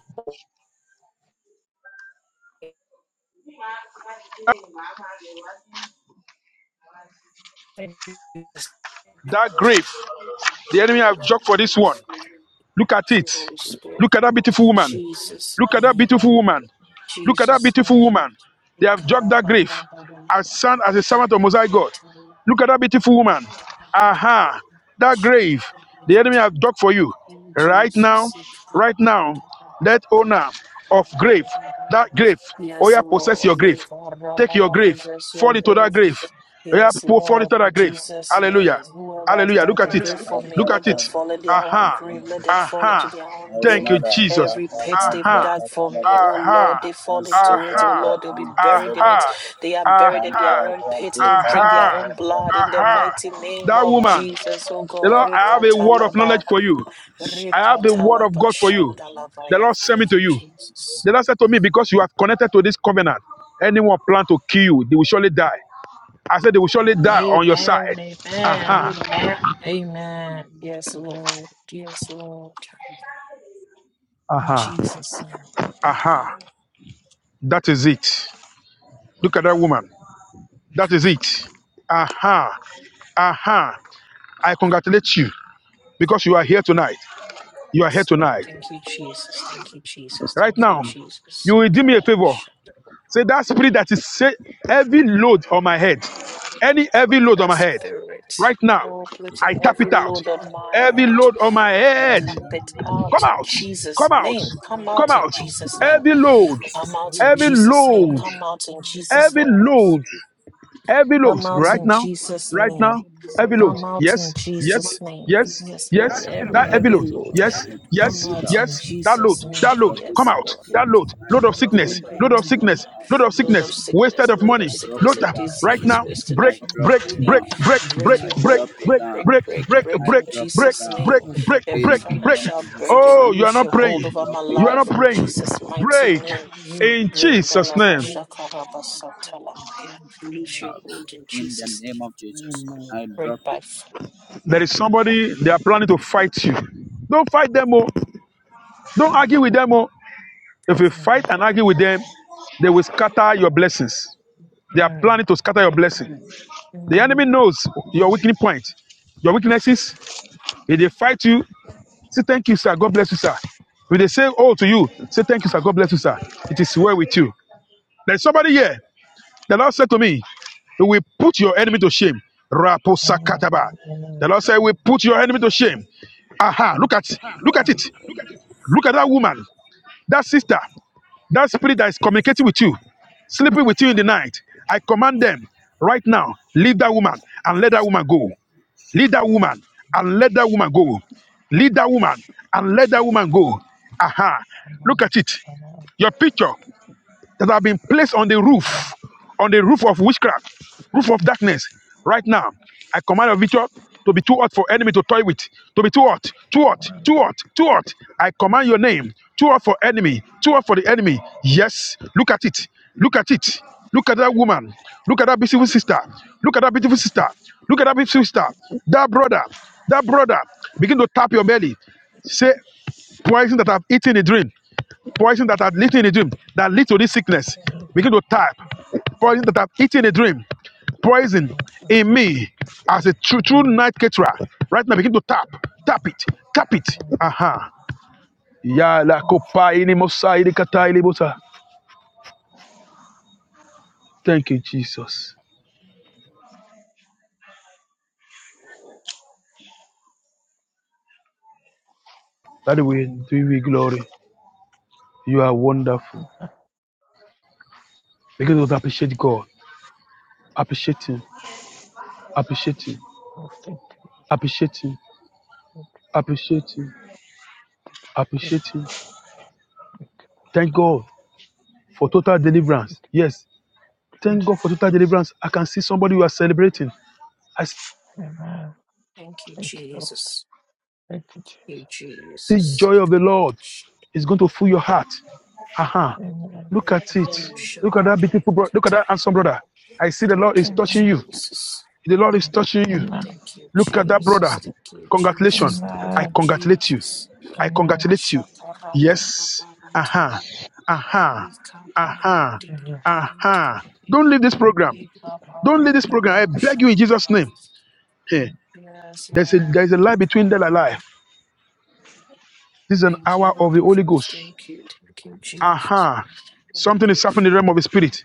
That grave. The enemy have joked for this one. Look at it. Holy Spirit. Look at that beautiful In woman. Jesus' Look at that name, beautiful in woman. Look at that Jesus' beautiful woman. They have dug that grave as son as a servant of Mosaic God. Look at that beautiful woman. Aha, that grave the name. enemy have dug for you. Right now, right now, that owner of grave, that grave, oh Yes, yeah, possess Lord, your let grave. our Take your Rabba grave, possess your fall into that grave. grave. Yeah, Yes, people fall Lord, into in that grave. Jesus' Hallelujah. name, whoever has Hallelujah. Look at doubted it. Hallelujah. grave Look for at it. me, Look let at it. them fall in their own Aha. grave. Let them fall into Aha. their I own will Thank grave. not you, die. Jesus. Every pit they've Kaparadia Aha. dug for me, oh Kapalabaha. Lord, Aha. they I fall into it. suffer Oh Aha. Lord, they'll be buried in it. Aha. untolerable. They are buried in their Aha. Mantua own pit. Radia They'll drink Aha. their own Kaparadia blood in the Aha. Kapalabaha. mighty name That of I woman, will not Jesus, oh die. the God. Lord, Let I have a go of word of her. Rekatalaba. knowledge for you. I have the word of God for you. The Rekatalabashandalavaya. Lord sent me Thank to you, you. Jesus. The Lord said to me, Because you have connected to this covenant, anyone plan to kill you, they will surely die. I said they will surely Amen. Amen. die on your Amen. Amen. side. Aha, Amen. Amen. Yes, Lord. Yes, Lord. In aha, Jesus' name. aha. That is it. Look at that woman. That is it. Aha, aha. I congratulate you because you are here tonight. You are here Yes, Lord. tonight. Thank you, Jesus. Thank you, Jesus. Right Thank you, now, you Jesus. will do me a favor. Ikarabashandalavaya. Say that spirit that is say, heavy load on my head, any heavy load on That my head. spirit, Right now, oh, putting I tap heavy it out. load on my I Heavy tap head, load it on up. my I head. tap it Amen. Every out Come load in of out. my The Jesus' Come out. head, name. perpetrator in Come come Come out out in out. Jesus' now Jesus' in the name. name. Every name of load. Come Jesus. out in Every Amen. Jesus' name. Every load. load Come Come out in on, in Jesus' Every name. Jesus' load. name. Heavy load Come And we out right in need now, to make Jesus' right name. now. a Heavy motion load. Come for out in Yes, him to be yes, Jesus' name. yes, sincere. Yes, of my Lord. yes. head, And Every That we heavy heavy load. need to load. Yes, I drop Come yes, it out out. command in the yes. Lord That come out by Jesus' load, fire I in that name. load, drop it Jesus' come Yes, out. out. Lord. That name. load, I load of And drop we it sickness, need to load down. of make a sickness, I, motion load to of Lord sickness, of wasted sickness, of fire I Lord in of money. drop sickness Load it Jesus' and up name. right disease, out. now. wasting of Break, I drop break, it money. break, down. break, Amen, break, Break I your break, drop hold. Break, it break, down. break, break, Jesus. break, break, break, break I in drop it break, Jesus' down. break, name. break, Amen. Every break, In the break. name financial of Jesus. Oh, burden, you are lose not your I hold praying. over drop my it You are not life in praying. Jesus' mighty Break name. in Lose Jesus' name. your out. hold in In the Jesus' name. name of Jesus. I Break drop Great it bus. There is somebody they are planning to fight you. Don't fight them, oh. Don't argue with them, oh. If you fight and argue with them, they will scatter your blessings. They are planning to scatter your blessing. The enemy knows your weakening point, your weaknesses. If they fight you, say thank you, sir. God bless you, sir. If they say oh to you, say thank you, sir. God bless you, sir. It is well with you. There is somebody here. The Lord said to me, He will put your enemy to shame. Amen. Raposakataba. The Amen. Lord said, He will put your enemy to shame. Aha, look Amen. at Look look Look at at it. it. Look at it. Look at that woman, that sister, that spirit that is communicating with you, sleeping with you in the night. I command them right now, leave that woman and let that woman go. Leave that woman and let that woman go. Leave that woman and let that woman go. Aha, look Amen. at it. Amen. Your picture that have been placed on the roof, on the roof of witchcraft, roof of darkness, right now, I command your victory to be too hot for enemy to toy with, to be too hot, too hot, too hot, too hot. I command your name, too hot for enemy, too hot for the enemy. Yes, look at it, look at it, look at that woman, look at that beautiful sister, look at that beautiful sister, look at that beautiful sister, that brother, that brother. Begin to tap your belly. Say, poison that I've eaten a dream. Poison that had eaten in a dream that leads to this sickness. I Begin to type. Poison that I've eaten in a dream. Poison in me as a true, true night caterer. Right now, begin to tap. Tap it. Tap it. Aha. Ya la kopa ini mosa ini kata ini bosa. Thank you, Jesus. That way, do we glory. You are wonderful. Begin to appreciate God. Appreciate Him. Appreciate Him. think Appreciate Him. it Appreciate Him. Appreciate just Him. thank you, Lord Thank God for total deliverance. Yes, Thank God for total Jesus. deliverance. I can see somebody you are celebrating. I see Thank you, Thank you, Lord. Jesus. Thank you, Jesus. Amen. Thank you, Lord. Thank you, Thank Jesus. You, Jesus. joy Thank of the Lord you, Jesus. is going to fill your heart. Aha. Uh-huh. Amen. Look at Thank it. Look at that beautiful brother. Look at that handsome brother. I see the you, Lord is Amen. touching you. Jesus. The Lord is touching you. Amen. Thank you, Look at that brother. Amen. Jesus. Thank you, Jesus. Congratulations. Thank I you, Amen. congratulate you. Jesus. I Amen. Amen. congratulate you. Mashakara Yes. Aha. tabarantana. Uh-huh. Aha. Uh-huh. Aha. Ikapaya Uh-huh. Amen. Amen. Aha. Uh-huh. dilibirutilibi. Don't leave this program. Don't leave this program. I beg you in Jesus' Ipaparantaboshandala. name. Hey. Yes, There's a there's a lie between death and Lord. life. This is an Thank you, hour of the Holy Holy Ghost. Ghost. Thank you. Thank you, Jesus. Aha. Thank Something is you, happening in the realm of the Father. spirit.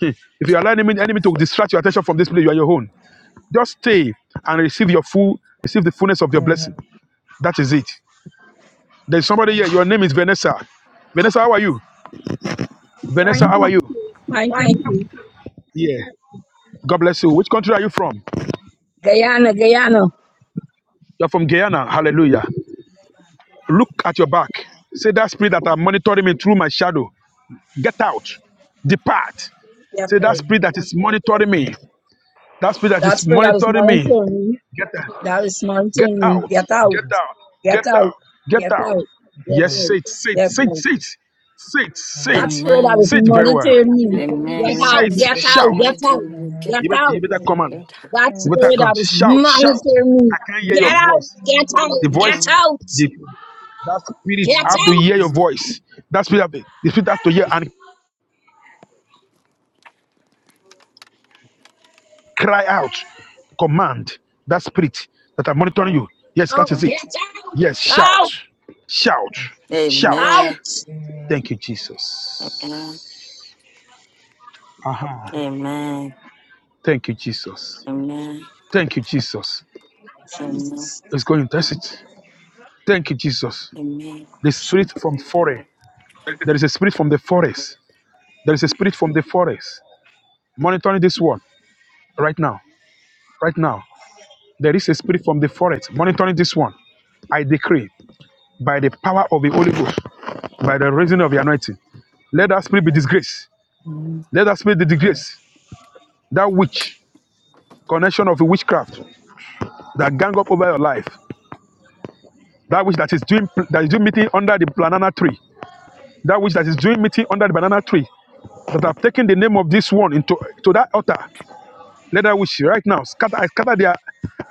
Hmm. If you allow the enemy enemy to distract your attention from this place, you are your own. Just stay and receive your full, receive the fullness of your blessing. Amen. That is it. There's somebody here. Your name is Vanessa. Vanessa, how are you? Vanessa, Fine, how are you? fine, thank you. Yeah. God bless you. Which country are you from? Guyana, Guyana. You're from Guyana. Hallelujah. Look at your back. Say that spirit that are monitoring me through my shadow. Get out. Depart. Get Say that out. spirit that is Get out. monitoring me. That spirit that That is spirit that is monitoring not me. me, Get out. that is monitoring Get me. out. Get out. Get out. Get Get out. out. Get Get out. out. Get Yes, say out. it. Say it. Get Say it. out. Say it. Say it. Say That it. spirit that is Amen. Say it not very well. entering me. Get Say out. Amen. it. Get Spirit out. Shout. Get out. monitoring, you get Get You better, up. you out. better Amen. come Amen. on. Get That You up. Amen. better spirit come. that is Shout. Shout. monitoring I can't me. hear your Get out. voice. Get out. The voice. Get Amen. out. The that spirit Get I Amen. have to Amen. out. hear your voice. That spirit have to, the spirit have to hear. and. Cry out, command that spirit that are monitoring you. Yes, that Out. is it. Yes, shout, Out. shout, Amen. shout. Out. Amen. Amen. Thank you, Amen. Jesus. Aha. Amen. Amen. Thank you, Jesus. Amen. Thank you, Jesus. Amen. Jesus. Let's go and test Thank it. you, Lord. Thank you, Jesus. Amen. The spirit Jesus. from forest. There is a spirit from the forest. There is a spirit from the forest. Monitoring this one right now. Right now. There is a spirit from the forest monitoring this one. I decree by the power of the Holy Ghost, by the raising of the anointing. Let that spirit be Amen. disgraced. Mm. Let that spirit be disgraced. That witch, connection of witchcraft that gang up over your life. That witch that is doing that is doing meeting under the banana tree. That witch that is doing meeting under the banana tree. That have taken the name of this one into to that altar. Let that witch right now scatter. I scatter their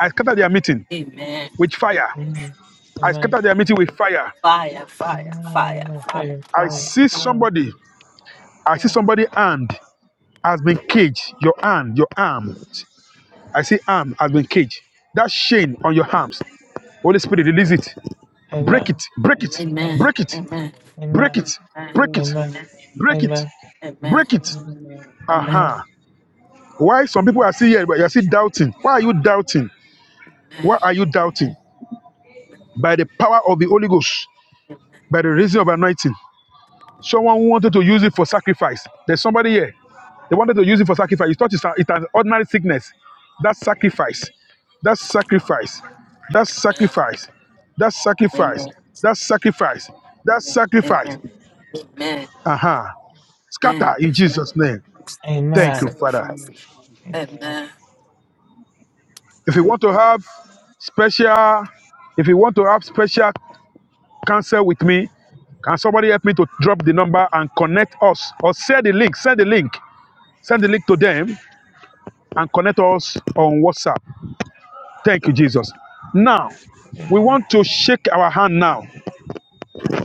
I scatter their meeting Amen. with fire. Amen. I Amen. scatter their meeting with fire. Fire, fire, fire, Amen. fire. Fire. I Fire. see Fire. somebody. I see somebody hand has been caged. Your hand, your arm. I see arm has been caged. That chain on your arms. Holy Spirit, release it. Break Amen. it. Break it. Amen. Amen. Break it. Amen. Break it. Amen. Amen. Break it. Amen. Break it. Amen. Amen. Amen. Amen. Break it. Amen. Amen. Amen. Amen. Aha. Why some people are still here, but you're still doubting. Why are you doubting? Why are you doubting? By the power of the Holy Ghost, by the reason of anointing. Someone who wanted to use it for sacrifice. There's somebody here. They wanted to use it for sacrifice. You thought it's, a, it's an ordinary sickness. That's sacrifice. That's sacrifice. That's sacrifice. That's sacrifice. That's sacrifice. That's sacrifice. Amen. Amen. Uh huh. I Scatter in shall Jesus' name. use this as a Thank you, Amen. Father. sacrifice. It's so Amen. If you want to have special, if you want to have special counsel with me, can somebody help me to drop the number and connect us or send the link? Send the link. Send the link to them and connect us on WhatsApp. Thank you, Jesus. Now, we Amen. want to shake our hand now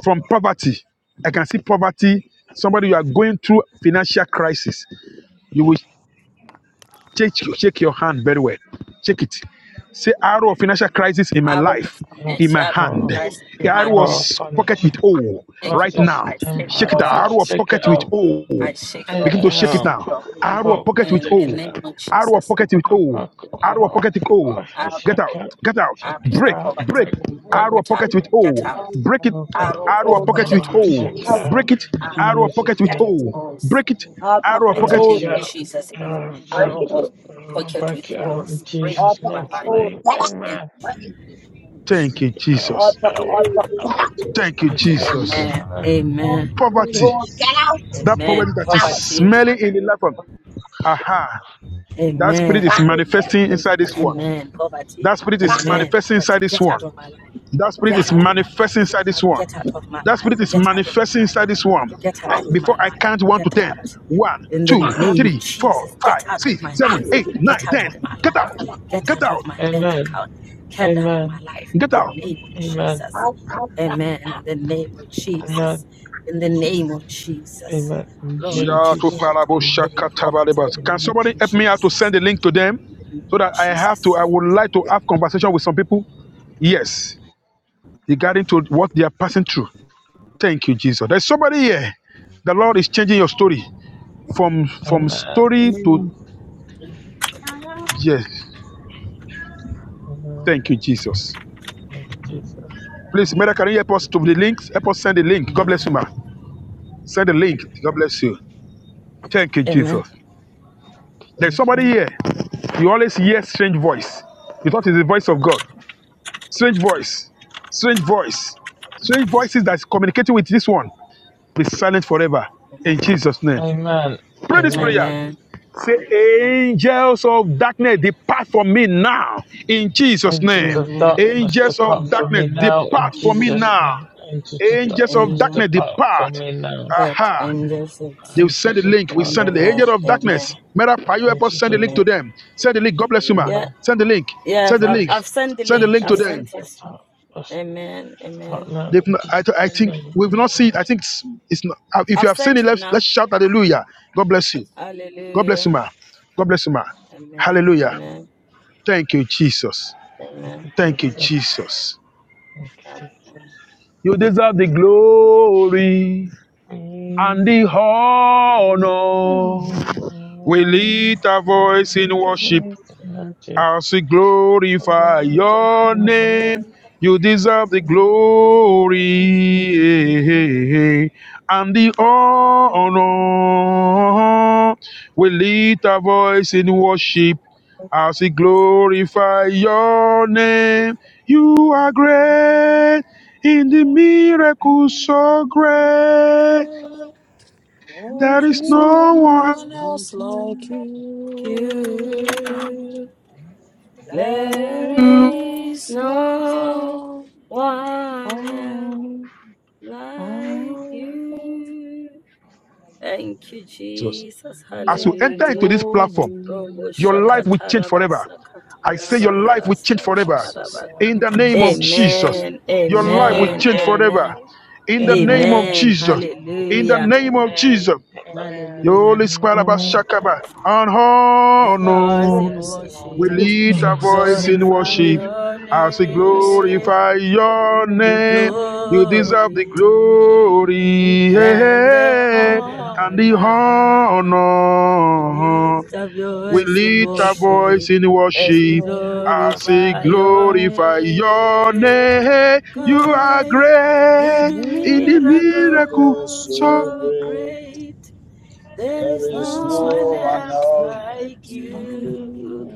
from poverty. I can see poverty. Somebody, you are going through financial crisis. You will Check, check your hand very well. Check it. Say, arrow of financial crisis in my life, Our, in my our, hand. Arrow of our pocket with financial O right crisis now. in my Shake it out. life. Arrow of Take it pocket with out. O. I, Begin to shake it uh, now. pocket, Arrow of pocket pocket, with take it O. out. Arrow of pocket with I O. pocket, Amen. Arrow of oh, pocket with O. oh, and I Get check out. it out. report to Get the out. Check prophet it Break. out. Break. Right. Amen. Arrow of pocket with O. Amen. Break it. And Oh, I fuck. respect Arrow the of pocket with picture Oh, of O. shit, being more cow. Break it. fire in Jesus' Arrow of pocket Jesus' mighty with Pocket name. with name. O. balls. Break I it. focus Arrow of the Mighty Holy pocket. truth. name of cow. Break Jesus. that Every fire Oh, in fuck. Arrow Jesus' of mighty Oh, name. pocket fuck. with Oh, I in balls. Break focus Jesus' the my mighty truth. life. Break name. that fire in Amen. Jesus' mighty Thank Fuck. you, name. Oh, Jesus. Thank you, fuck. Break it, Jesus. Jesus. Amen. Lord. Amen. Poverty, that poverty Amen. that is Poverty. smelling in the life of, aha, that spirit is Amen. manifesting inside this one. Amen. Poverty. That spirit is Amen. manifesting inside Poverty. this Get out one. of my life. That spirit Get is out of my manifesting life. inside this one. Get out of my That life. spirit is Get out of my manifesting life. inside this one. Get I, out of before my I life. count one to Get ten. out. One, in the two, name of three, four, Jesus. Get five, out of six, my seven, hands. eight, nine, Get out of ten. my Get life. out. Get Get out out. of my bank Amen. account. Get out of my Amen. life in Get the out. name of Amen. Jesus. Amen. In the name of Jesus. Amen. Amen. In the name of Jesus. Amen. In the Lord, name of Yeah, get to me Jesus. out of parable Amen. In any poverty shakatabalebas. in the the Can name name of somebody of help me out Jesus. to Jesus. send the In link to them the name so of that I have to? Jesus. I would like to have conversation with some people. Yes, regarding to what they are passing through. Thank you, Jesus. There's somebody here. The Lord is changing your story from from Amen. story to yes. Amen. Thank you, Jesus. Thank you, Jesus. Thank Please, Mary, can you help us to the links? Help us send the link. God bless Amen. you, ma. Send the link. God bless you. Thank you, Amen. Jesus. you, There's somebody Jesus. here. You always hear strange voice. You thought it's the voice of God. strange voice, strange voice, strange voices that's communicating with this one. Be silent forever in Amen. Jesus' name. Amen. Pray this Amen. prayer. Amen. Say, angels of darkness, depart from me now in Jesus' Agents name. of Amen. darkness, Angels depart of from darkness, me now in depart from me Jesus' now. name. Agents of Angels of darkness, Angel darkness, depart from depart. me now. heart, Aha. angel foot. They will send the Agents of link. We send the angel Amen. darkness, of Amen. darkness. Mera, can you help us agents send the of link Amen. to them? Send the link. God bless you, ma. Yeah. darkness, Send the link. Yeah, Send I've, the I've link. I've sent the Send the link. link to I've Angels them. sent of it. darkness, Amen. depart Amen. now They've in not, I, th- I Jesus' think name. we've not seen it. I think it's, it's not, uh, if I've you have seen sent it, it let's, now. let's shout hallelujah. God bless you. God bless you, Hallelujah. ma. God bless you, ma. Hallelujah. Amen. Thank you, Jesus. Thank Amen. you, Thank you, Jesus. Jesus. Thank you, Thank Jesus. You deserve the Thank you. glory and Lord. the honor. We lift our voice in Thank you, worship Lord. Thank you, as we glorify your out. name. You deserve the glory and the Lord. honor. We lift our voice in worship as Thank we glorify your name. You are great in the you, miracle so great. There There's is There's no no one no one. else one like else like you. you. you. There God There is is no no one else one like like you. you. Thank you, Jesus. Jesus. Kings As you of the enter Hallelujah. into this platform, glory. Robo Your Thank life Lord. you. will change shakataraba forever. I say Yes, your life sakatarabaka will Lord. change forever. Jesus, sakatarabaka. In the Lord. In name Amen. of Jesus' Jesus, name. Amen. Amen. your life will Amen. Amen. change Amen. forever. Amen. In the name of Amen. Amen. Amen. Jesus, in the Hallelujah. name of Amen. Jesus, Amen. your Hallelujah. Holy Squalaba Shakaba, and The voice honor, in Yes, Lord. we worship Thank you, lift our voice Jesus. in glorify worship your as we Yes, name, glorify Lord. your the name. You deserve the Mm. glory glory and the eh, eh, Mm. and the honor. We honor. lift up your We voice in lift our Submission. worship voice in as we worship. I Mm. say, glorify your Mm. glorify your name. name. You Mm. are Great, you great do in the Mm. miracle. Come miracles So, so on, so great. Lord. great. There There is is no As one no one long else else like like as I you. can you.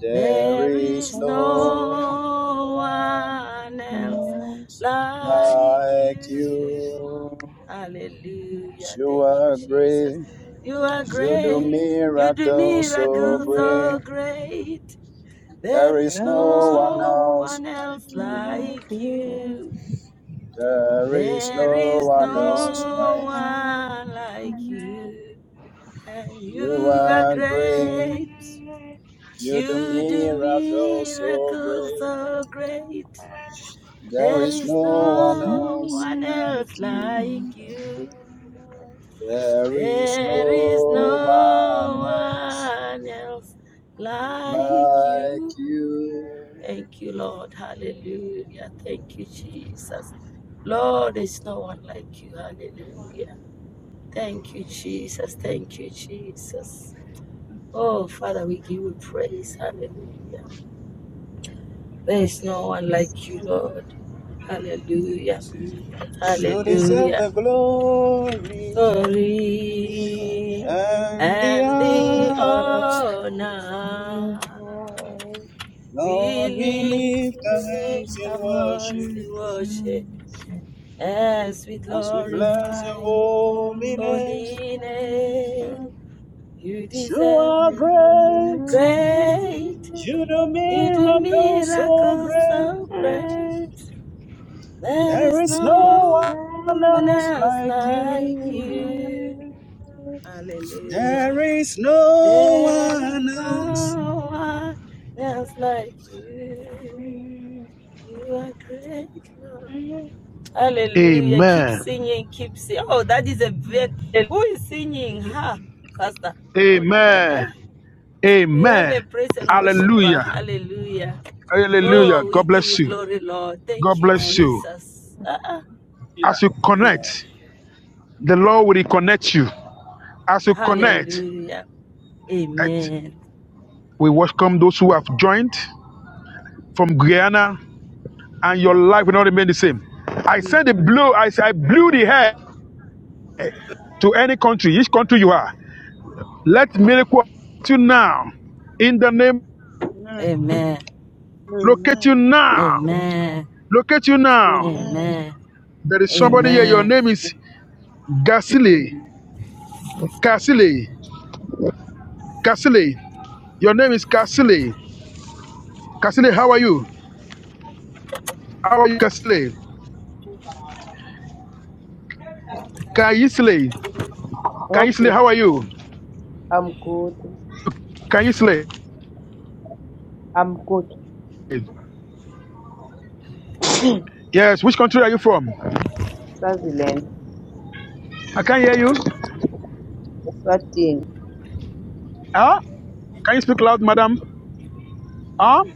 There There is hold on. no one one else Mm. else like like you. you. Hallelujah. You Thank you, are Jesus. great. You are You do great. You do miracles so miracles great. so great. There There is is no As one no else long one like else as you. I like you. There is There no is one no please else like do. one like you. And you You are are great. great. You You do do miracles so miracles great. so great. There There is is no one no else one Mm. like else you. like you. There is There is no one no else one else like like you. No. you. Thank you, Lord. Hallelujah. Thank you, Jesus. Lord, there's no one like you. Hallelujah. Thank you, Jesus. Thank you, Jesus. Oh, Father, we give you praise. Hallelujah. There is no one like you, Lord. Hallelujah. You deserve Hallelujah. the glory Emma, Glory. and the and the honor. honor. Lord, we We lift our hands lift in our voice worship in worship as we as we bless your glorify your holy name. holy name. You You deserve are the glory. great. great. You're the You do miracle so miracles great. so great. There There is is no no one one else else like like you. you. Hallelujah. There is no There is one else. no one else like you. You are great. Lord. Hallelujah. Keep amen. singing, keep singing. Oh, that is a very. Who is singing? Ha, Pastor. Eh, Amen. eh. We have a Amen. praise and worshiper. Hallelujah. Hallelujah. Hallelujah. Oh, we God give you bless you. glory, Lord. Thank God you, bless you. Jesus. Ah, ah. Yeah. As you connect, Amen. the Lord will reconnect you. As you connect, Hallelujah. right, Amen. we welcome those who have joined from Guyana. and your life will not remain the same. I Amen. said the blow, I said I blew the air to any country, each country you are. Let miracle locate you now. In the name, Amen. Amen. locate Amen. you now. Emma, Amen. Locate you now. Amen. Emma, Amen. There is somebody here. Your Amen. name is Gasile. Gasile. Gasile. Your name is Gasile. Gasile, how are you? How are you, Gasile? Kaisle. Hope Kaisle, is how are you? I'm good. Kaisle. I'm good. Yes, which country are you from? Swaziland. I can't hear you. Eswatini. Huh? Can you speak loud, madam? Huh?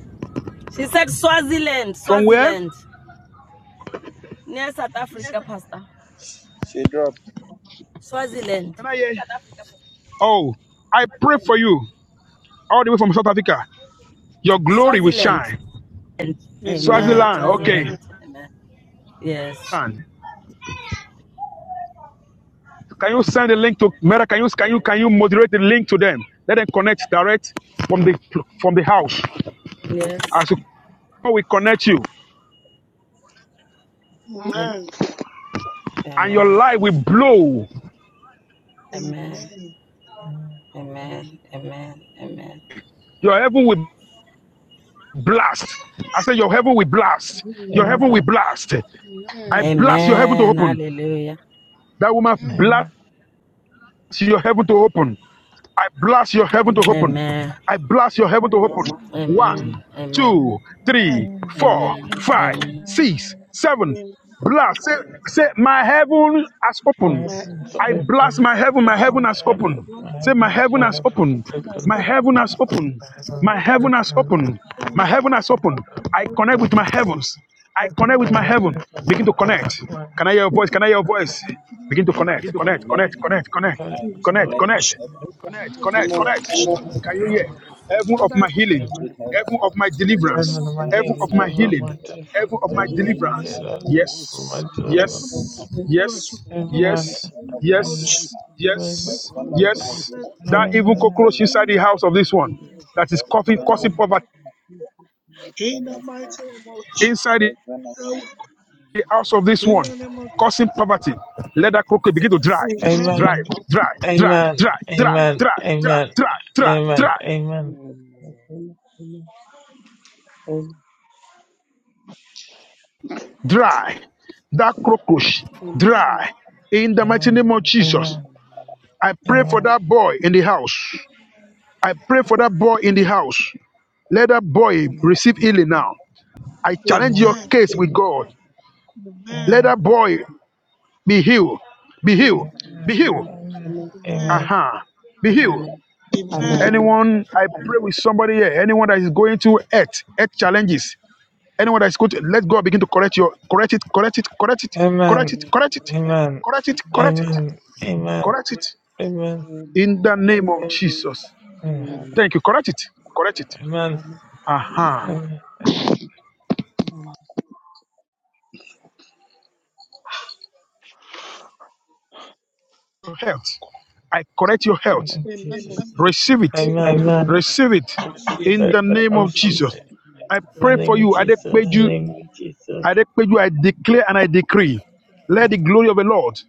She said Swaziland, From where? Swaziland. Near South Africa, Pastor. She dropped. Swaziland. Can I hear? Oh, I pray for you all the way from South Africa. Your glory will Swaziland. shine. Amen. Amen. Amen. Swaziland, Swaziland. okay. Amen. Yes. Can you send a link to Mera? Can you can you can you moderate the link to them? Let them connect direct from the from the house. Yes. As you we connect you, Am- Amen. and your Amen. light will blow. Amen. Emma, Amen. Amen. Amen. Your heaven will blast. I said your heaven will Amen. blast. Amen. Your heaven Emma. will Mm. blast. I blast My your heaven to Amen. open. Hallelujah. That woman blast. your heaven to open. I blast your Amen. heaven to Amen. open. Amen. I blast your heaven to open. Amen. Amen. One, Amen. two, three, four, Amen. five, Amen. six, seven. Amen. Blast. Say, say, my heaven has opened. My My heaven's heart I is sensitive blast open, my heaven. My to thus you. heaven my has heaven, opened. God my Say, my heaven, heaven my has heaven's opened. has My open, My opened heaven heart has opened. my my My heaven's open heaven has open. the opened. heaven My heaven has opened. and I connect heaven with my heavens. I that I got connect with all my connected my my heaven. heaven, Begin to I got connect. my heaven, Can I hear your voice? heaven I Can I hear your voice? to Begin to the earth. connect. Connect. Connect Connect. with Connect. Connect. got it, I In the my name that Connect. of connect I can't with Connect. get Jesus. heaven. Connect. Now my I Connect. Amen. heaven Connect. connect and with earth, Amen. Can you heaven. my hear? Heaven of Father, I my healing. Connect heaven. with come Heaven heaven. of my to deliverance. Heaven of you. my Heaven Heaven of healing, of my my heaven of healing. my healing. deliverance, Heaven We of my heaven connect Amen. of Heaven my of my deliverance. healing, with deliverance. my Yes. deliverance. Heaven Yes. of my healing. Yes. Amen, Yes. Heaven of my amen, Yes. deliverance. amen. Yes. Holy Heaven of my Yes. Father. healing. That even Amen. Heaven cockroach of inside In the my house of this deliverance, one that is coughing, heaven causing of my poverty deliverance, heaven the of my mighty name of healing, Jesus. inside. heaven of my the deliverance. house of this In one, the name of Amen. causing poverty. Let that crooked begin to dry, dry, Amen. dry, Amen. dry, Amen. dry, Amen. dry, Amen. dry, dry, Amen. dry, dry, Amen. dry, Amen. dry. That crocus Amen. dry. In the mighty name Amen. of Jesus, Amen. Amen. I pray for Amen. that boy in the house. I pray for that boy in the house. Let that boy Amen. receive healing now. I Amen. Amen. challenge your case with God. Amen. Let Amen. that boy be healed. Be healed. Amen. Be Amen. Amen. Amen. Amen. Amen. Amen. healed. Amen. Amen. Amen. Amen. Amen. Amen. Amen. Amen. Amen. Amen. Amen. Amen. Amen. Amen. Amen. Aha. Be healed. Amen. Amen. Anyone, I pray with somebody here. Anyone that is going through earth, earth challenges. Anyone that is going to let God begin to correct your correct it, correct it, correct it, correct Amen. it, correct it, Amen. Amen. correct it, correct it, Amen. correct it. Amen. In the name of Jesus. Thank you. Correct it. Correct it. Aha. Amen. Amen. Your health. I correct your health. Thank you, Amen. Jesus. Receive it. Amen. Receive it. I receive In it. the I name of receive Jesus. it. I In the pray for name of you. I declare Jesus. you. I declare you. I declare and I decree. Let the glory of the Lord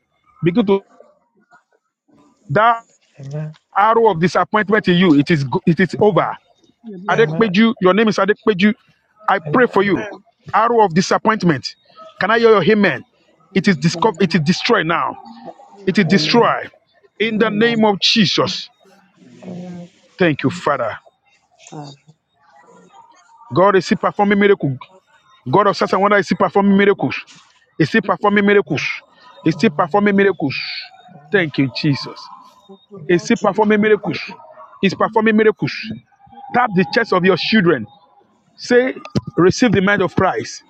begin to That Amen. arrow of disappointment in you, it is go- it is over. Amen. Amen. Amen. Adepeju, your name is Adepeju. I pray for you. Arrow of disappointment. Can I hear your amen? It is Amen. discovered, it is destroyed now. It is Amen. Amen. destroyed. Amen. In the Amen. name Amen. of Jesus. Amen. Amen. Thank you, Father. God is still performing miracles. God of such and wonder is still performing miracles. Is still performing miracles. Is still Amen. performing miracles. Oh, Thank you, Jesus. Thank you, thank Is you, Lord. he Jesus. performing miracles? Is performing miracles. Tap the chest of your children. Say, receive the mind of Christ.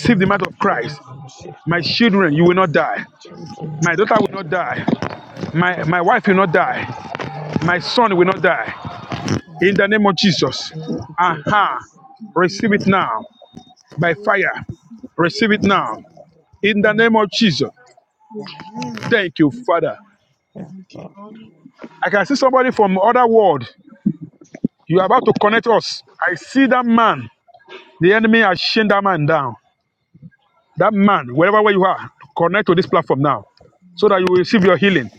Oh, the mind my of children, Christ. save My my children. children, you will not die. My children, My not daughter will I. not die. My Children, my not wife will not die. I. Lord, My not son I. will not die. Not In the name I. of Jesus. Glory to Jesus. Aha. Receive Amen. it Amen. now by fire. Receive it now. In the Amen. name of Jesus. Amen. Thank you, Father. Thank Thank you, God. Lord. I can see somebody from other world. You are about to connect us. I see that man. The enemy has chained that man down. That man, wherever where you are, connect to this platform now so that you will receive your healing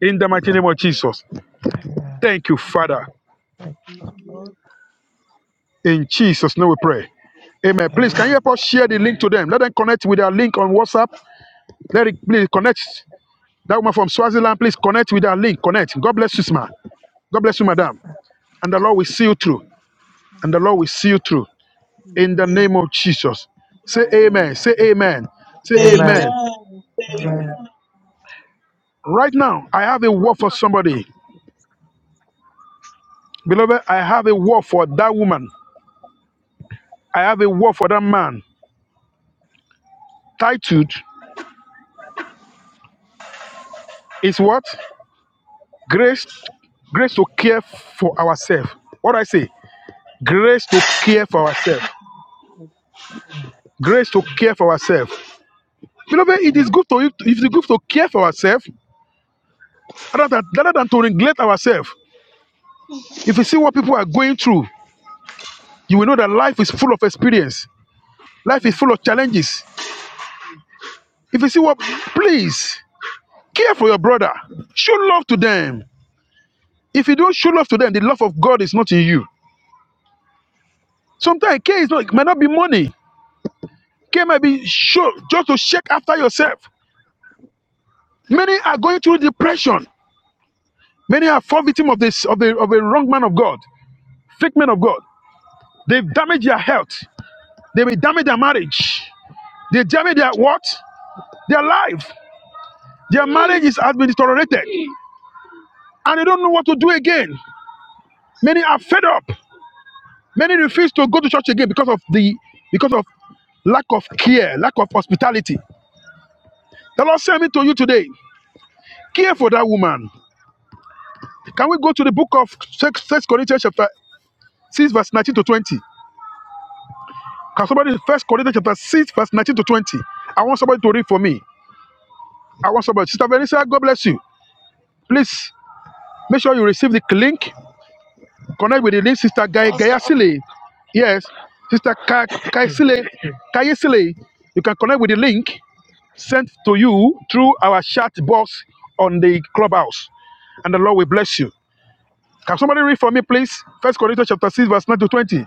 in the mighty name of Jesus. Amen. Thank you, Father. Thank Lord. In Jesus' name we pray. Amen. Please, can you help us share the link to them? Let them connect with our link on WhatsApp. Let it please connect. That woman from Swaziland, please connect with our link. Connect. God bless you, ma. God bless you, madam. And the Lord will see you through. And the Lord will Amen. see you through. In the name Amen. of Jesus. Say amen. Say amen. Say Amen. Amen. Amen. amen. Amen. Right now, I have a word for somebody. Beloved, I have a word for that woman. I have a word for that man. Titled is what? Grace, grace to care for ourselves. What I say? Grace to care for ourselves. Amen. Grace to care for ourselves. Beloved, it is good to it is good to care for ourselves rather than, rather than to neglect ourselves. If you see what people are going through, you will know that life is full of experience. Life is full of challenges. If you see what, please Care for your brother. Show love to them. If you don't show love to them, the love of God is not in you. Sometimes care is not It might not be money. Care might be show just to check after yourself. Many are going through depression. Many are fall victim of this of the of a wrong man of God, fake man of God. They've damaged their health. They may damage their marriage. They damage their what? Their life. Their marriage is has been deteriorated, and they don't know what to do again. Many are fed up. Many refuse to go to church again because of the because of lack of care, lack of hospitality. The Lord sent me to you today. Care for that woman. Can we go to the book of First Corinthians chapter 6, verse 19 to 20? Can somebody first Corinthians chapter 6, verse 19 to 20? I want somebody to read for me. I want somebody. Sister Vanessa, God bless you. Please make sure you receive the link. Connect with the link, Sister Gay Pastor, Gayasile. Yes. Sister Kayasile Kayasile, You can connect with the link. sent to you through our chat box on the clubhouse. And the Lord will bless you. Can somebody read for me, please? First Corinthians chapter 6, verse 9 to 20.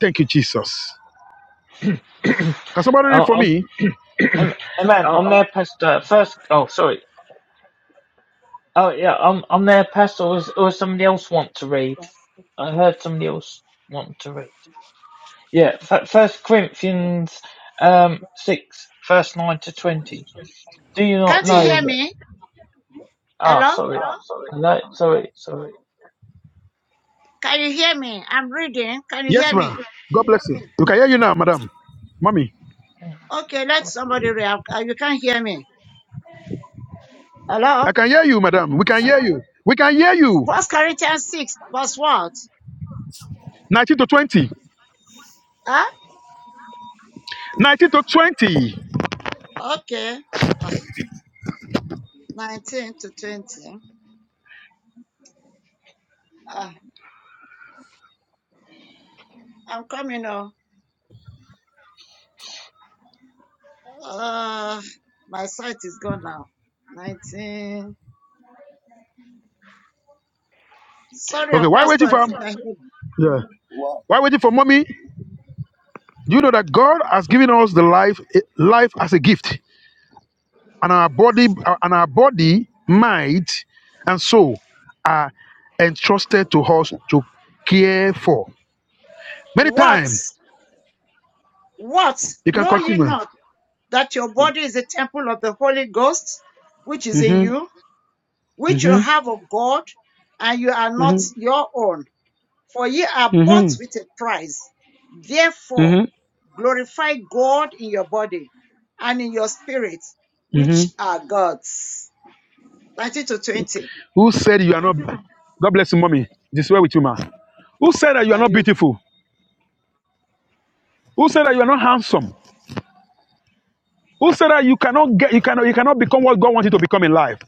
Thank you, Jesus. Can somebody read Oh, for um, me? um, Amen. I'm there, Pastor. First, oh, sorry. Oh, yeah, I'm, I'm there, Pastor. Or, or somebody else want to read? I heard somebody else want to read. Yeah, f- First Corinthians um, 6, verse 9 to 20. Do you not Can't you know hear that? me? Ah, Hello? sorry. Sorry. Hello? Sorry, sorry. Can you hear me? I'm reading. Can you Yes, hear ma'am. me? God bless you. We can hear you now, madam. Mommy. Hang on, Okay, let sorry. somebody read. Uh, You can't hear me. Hello? I can hear you, madam. We can hear you. We can hear you. First Corinthians 6, verse what? 19 to 20. Ah, 19 to 20. okay. Ah, 19 to 20. Ah, I'm coming on. Uh, my site is gone now. 19. Sorry, oh, Okay, why waiting Pastor, if for you can hear. me. yeah. Wow. Why waiting for mommy? Do you know that God has given us the life eh, life as a gift? and our body and our body mind and soul are entrusted to us to care for many What? times What? you can Know ye continue not that your body is a temple of the Holy Ghost, which is in hmm you, hmm which you have of God, and you are hmm not your own? For ye are bought hmm with a price. Therefore, hmm glorify God in your body and in your spirit, hmm which are God's. 19 to 20. who said you are not god bless you mommy this way with you ma who said that you are And not you, beautiful who said that you are not handsome who said that you cannot get you cannot you cannot become what god wants you to become in life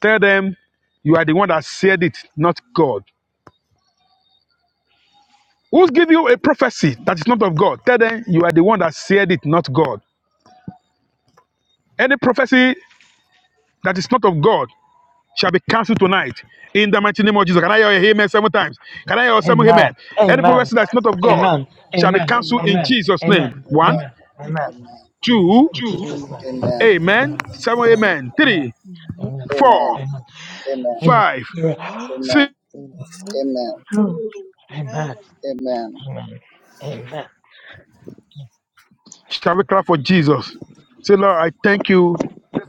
tell them you are the one that said it not god Who give you a prophecy that is not of God? Tell them you are the one that said it, not God. Any prophecy that is not of God shall be cancelled tonight. In the mighty name of Jesus. Can I hear a amen seven times? Can I hear seven Amen. amen? Any Amen. prophecy that's not of God Amen. shall be Amen. cancelled in Amen. Jesus' Amen. name. One, Amen. Amen. Amen. Amen. two, In Two, Jesus' name. Amen. Amen. Amen. amen, Amen. seven, Amen. Amen. amen, Amen. three, Amen. Amen. Amen. four, Amen. Amen. five, Amen. Amen. Amen. six. Amen. Amen. Amen. Amen. Amen. Amen. Amen. Shall we clap for Jesus? Say, Lord, I thank you.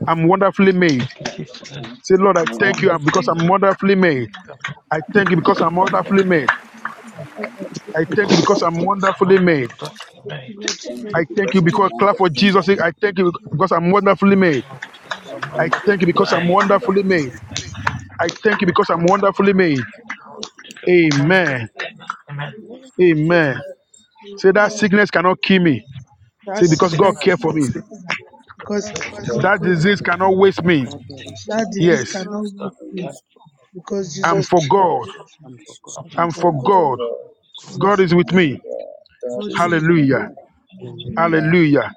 I'm wonderfully made. Thank you, Father, Jesus. thank Say, you. Lord, I I'm I'm thank you wonderful. because wonderfully I'm made. Father, wonderfully made. I'm I thank you because I'm thank wonderfully you. made. Because I'm wonderfully. Thank you, Jesus. wonderful. I thank you because I'm Come on, wonderfully made. Thursday Thank you, night. Lord Thank Jesus. Amen. I you thank you because Thank I'm because clap for wonderful. Jesus' sake. I thank you because I'm wonderfully made. Come on, I I someone thank you thank you Thursday because because I'm I'm night. wonderfully made. wonderful. I pray I for thank you someone because I'm Thursday night. wonderfully I made. pray for someone Amen. Thursday night. Amen. you, Lord. Amen. Say that Amen. sickness cannot kill me. That Say Like because sickness God That's so cared sickness. for cannot much. me. Thank you. because Pray for Because God God me. That gave us. disease cannot waste me. Amen. Please take that away disease from me. Yes. cannot She's reach Pastor, gonna you care raise me for me. because Amen. I'm Jesus for came. Please, God. because please. Amen. Amen. Amen. Jesus. I I'm for forgot. And for God. God, I God forgot. is with and for me. God, God God Just is with with is me. me. Hallelujah. Hallelujah. Amen. Hallelujah.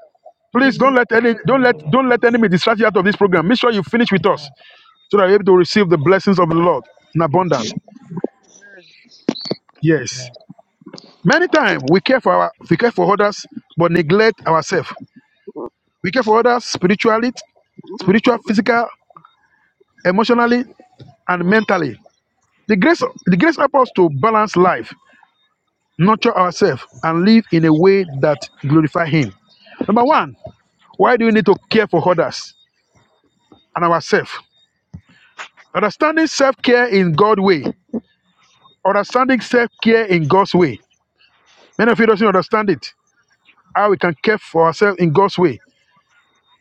Please don't let any don't let Hallelujah. don't let enemy distract you out of this program. Make sure you finish with us Amen. so that you're able to receive the blessings of the Lord in abundance. Yes. Amen. Many times we care for our we care for others, but neglect ourselves. We care for others spiritually, spiritual, physical, emotionally, and mentally. The grace, the grace helps us to balance life, nurture ourselves, and live in a way that glorify Him. Number one, why do we need to care for others and ourselves? Understanding self care in God's way. Understanding self care in God's way. Many of you doesn't understand it. How we can care for ourselves in God's way.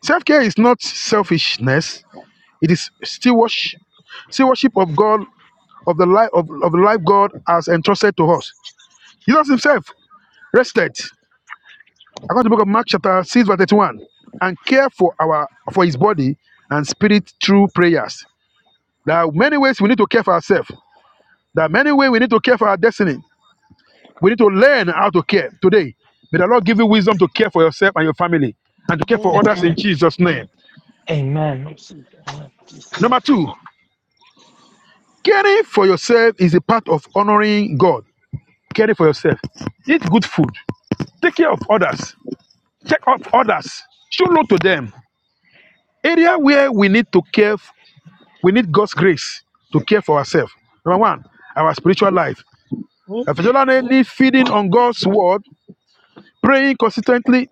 Self care is not selfishness. It is stewardship, stewardship of God, of the life of, of the life God has entrusted to us. Jesus Himself rested, according to the book of Mark chapter six verse thirty-one, and care for our for His body and spirit through prayers. There are many ways we need to care for ourselves. There are many ways we need to care for our destiny. We need to learn how to care today. May the Lord give you wisdom to care for yourself and your family and to care for with Amen. others in Jesus' name. Amen. Amen. Number two, caring for yourself is a part of honoring God. Caring for yourself. Eat good food. Take care of others. Check up others. Show love to them. Area where we need to care, we need God's grace to care for ourselves. Number one, our spiritual life. you. A need feeding on God's word, praying consistently,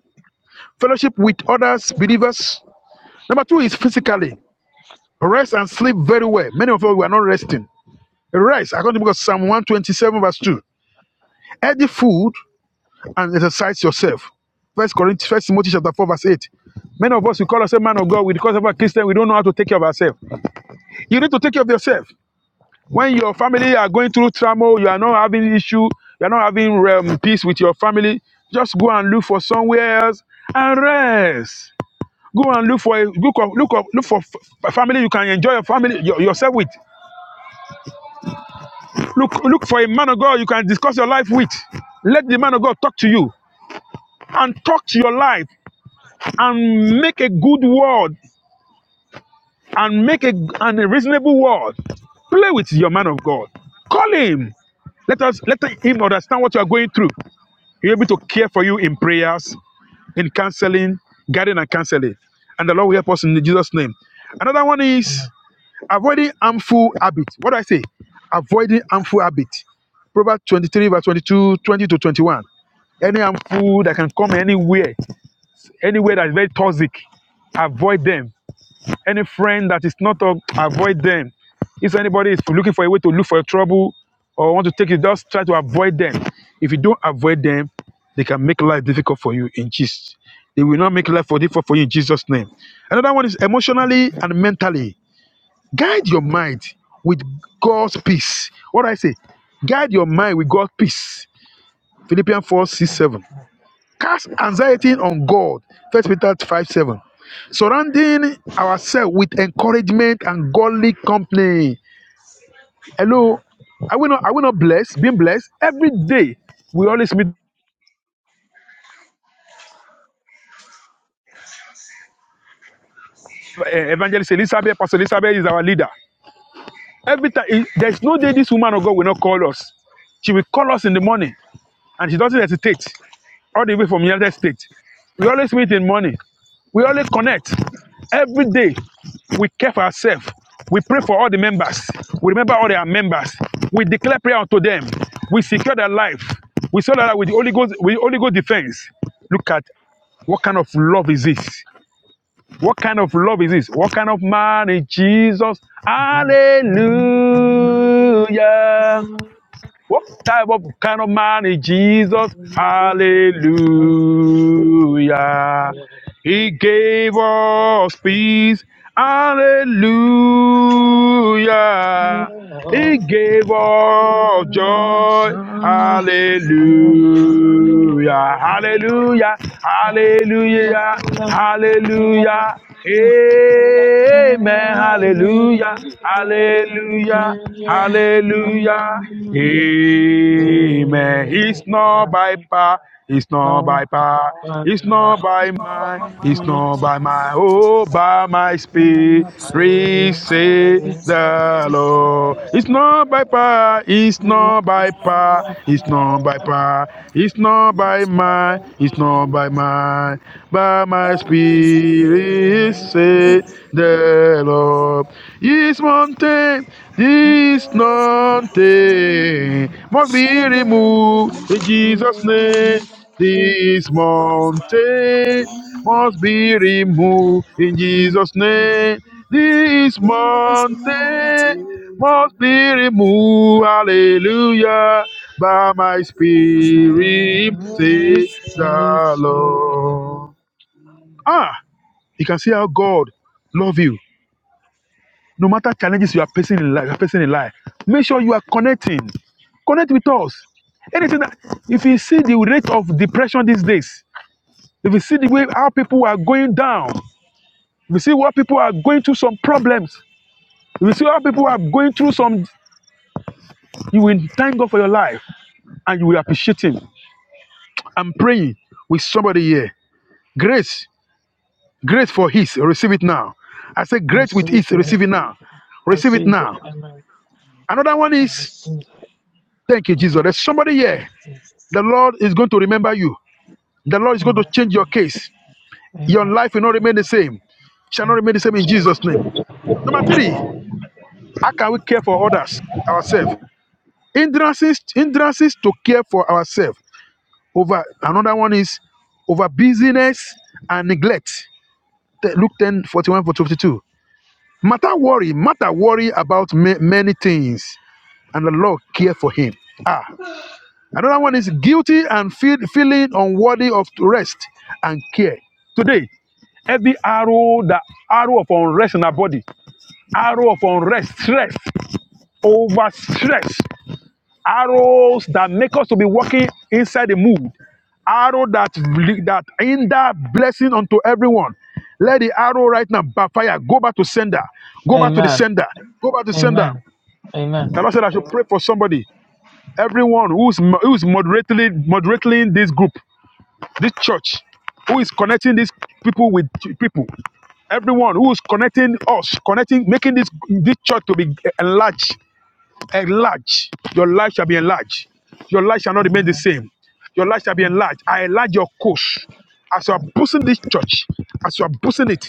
fellowship with others, believers, Number two is physically. Rest and sleep very well. Many of us we are not resting. Rest, according to Psalm 127, verse 2. Eat the food and exercise yourself. First Corinthians, First Timothy chapter 4, verse 8. Many of us we call ourselves man of God, we because of our Christian, we don't know how to take care of ourselves. You need to take care of yourself. When your family are going through turmoil, you are not having issue, you are not having um, peace with your family, just go and look for somewhere else and rest. Go and look for a look up, look up, look for f- f- family you can enjoy your family your, yourself with. Look look for a man of God you can discuss your life with. Let the man of God talk to you and talk to your life and make a good word and make a and a reasonable word. Play with your man of God. Call him. Let us let him understand what you are going through. He'll be able to care for you in prayers, in counseling, guiding and counseling. And the Lord will help us in Jesus' name. Another one is Amen. Avoiding harmful habits. What do I say? Avoiding harmful habits. Proverbs 23, verse 22, 20 to 21. Any harmful that can come anywhere, anywhere that is very toxic, avoid them. Any friend that is not, of- avoid them. If anybody is looking for a way to look for your trouble or want to take you, just try to avoid them. If you don't avoid them, they can make life difficult for you in Jesus. They will not make life for difficult for you in Jesus' name. Another one is emotionally and mentally. Guide your mind with God's peace. What do I say? Guide your mind with God's peace. Philippians 4 six, seven. Cast anxiety Amen. on God. First Peter 5 7. Surrounding ourselves with encouragement and godly company. Amen. Hello. Are we not, are we not blessed? Being blessed? Every day we always meet uh, Evangelist Elizabeth. Pastor Elizabeth is our leader. Every time, there's no day this woman of God will not call us. She will call us in the morning, and she doesn't hesitate. All the way from United States, we always meet in morning. We always connect. Every day, we care for ourselves. We pray for all the members. We remember all their members. We declare prayer unto them. We secure their life. We saw that with the Holy Ghost, with the Holy Ghost defense. Look at what kind of love is this? What kind of love is this? What kind of man is Jesus? Hallelujah. Hallelujah. What type of kind of man is Jesus? Hallelujah. Hallelujah. He gave us peace. Amen. Hallelujah. He gave us joy. Hallelujah. Hallelujah. Hallelujah. Hallelujah. Amen. Oh, Hallelujah. Hallelujah. Hallelujah. Amen. It's not by power. It's not by I power. love God, It's not by It's not about my, him, it's man. God. not It's not by about I my, oh, by my spirit, say the Lord. It's power, not by power, it's not by it's not power, it's not by power, it's not by my, about it's might, not by my, by my but spirit, say the up this mountain, this Yes, Lord. mountain must be So good. removed in Jesus' name. This Yes, Lord. mountain must be removed in Jesus' name. This This mountain mountain, must be removed, hallelujah, by my I must be spirit, say the Lord. Ah, you can see how God love you no matter challenges you are facing in life, you are facing in life, make sure you are connecting. Connect with us. Anything that, if you see the rate of depression these days, if you see the way how people are going down, if you see what people are going through some problems, if you see how people are going through some, you will thank God for your life and you will appreciate Him. I'm praying with somebody here. Grace, grace for His, receive it now. I say, grace with see His, that. receive it now. I Receive see it now. that. Another one I is, receive it. thank you, Amen. Jesus. There's somebody here. Thank you, Jesus. The Lord is going to remember you. The Lord is going to Amen. change your case. Your Amen. life will not remain the same. Shall not Amen. remain the same in Jesus' name. Number Amen. three, how can we care for others, ourselves? Hindrances, hindrances to care for ourselves. Over another one is over busyness and neglect. Te- Luke 10, 41 to 52. Matter worry, matter worry about ma- many things, and the Lord care for him. Ah. Another one is guilty and feel, feeling unworthy of rest and care. Today, every arrow, the arrow of unrest in our body, arrow of unrest, stress, over stress, arrows that make us to be walking inside the mood, arrow that li- that hinder blessing unto everyone. Let the arrow right now backfire. Go back to sender. Go back to the Amen. sender. Go back to sender. Amen. Amen. The Lord said I should pray for somebody. Everyone who's who's moderately moderating this group. This church, who is connecting these people with people, everyone who is connecting us, connecting, making this this church to be enlarged, enlarged. Your life shall be enlarged. Your life shall not remain the Amen. same. Your life shall be Amen. enlarged. I enlarge your course. As you are boosting this church, as you are boosting it,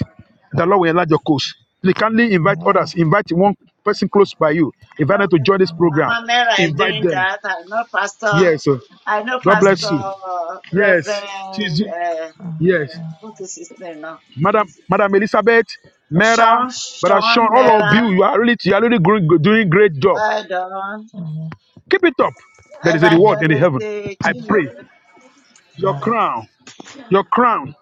the Lord will enlarge your course. You kindly Amen. invite others. Invite one person close by you. I Invite know them to join this Amen. program. Mama Mera is Invite doing Amen. them. that. I know Pastor. Yes. sir. I know Amen. God Amen. Pastor bless Amen. you. uh, Yes. Reverend. Tuesday. Uh, Yes. what is his name now? Madam, Madam Elizabeth, Mera, Sean Brother Sean, Sean all of Mera. you, you are really, you are really gr- doing great job. Well done, Amen. Amen. Amen. Keep it up. There is a Amen. Amen. Amen. reward in the Amen. Evangelist heaven. eh, I pray Chinyere. your crown, your crown,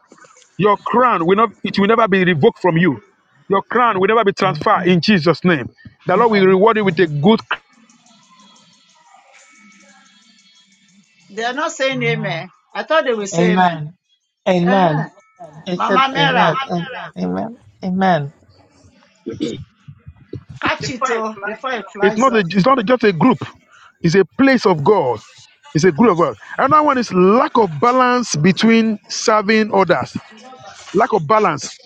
your crown will not, it will never be revoked from you. Your crown will never be transferred in Jesus' name. The Lord will reward you with a good. They are not saying amen. I thought they would say amen. Amen. Uh huh. Amen. I said Mama amen. Mera, Am- Amen. Amen. catch it oh, before it It's flies not, a, off. it's not just a group. It's a place of God. It's a group of God. Another one is lack of balance between serving others. Lack of balance.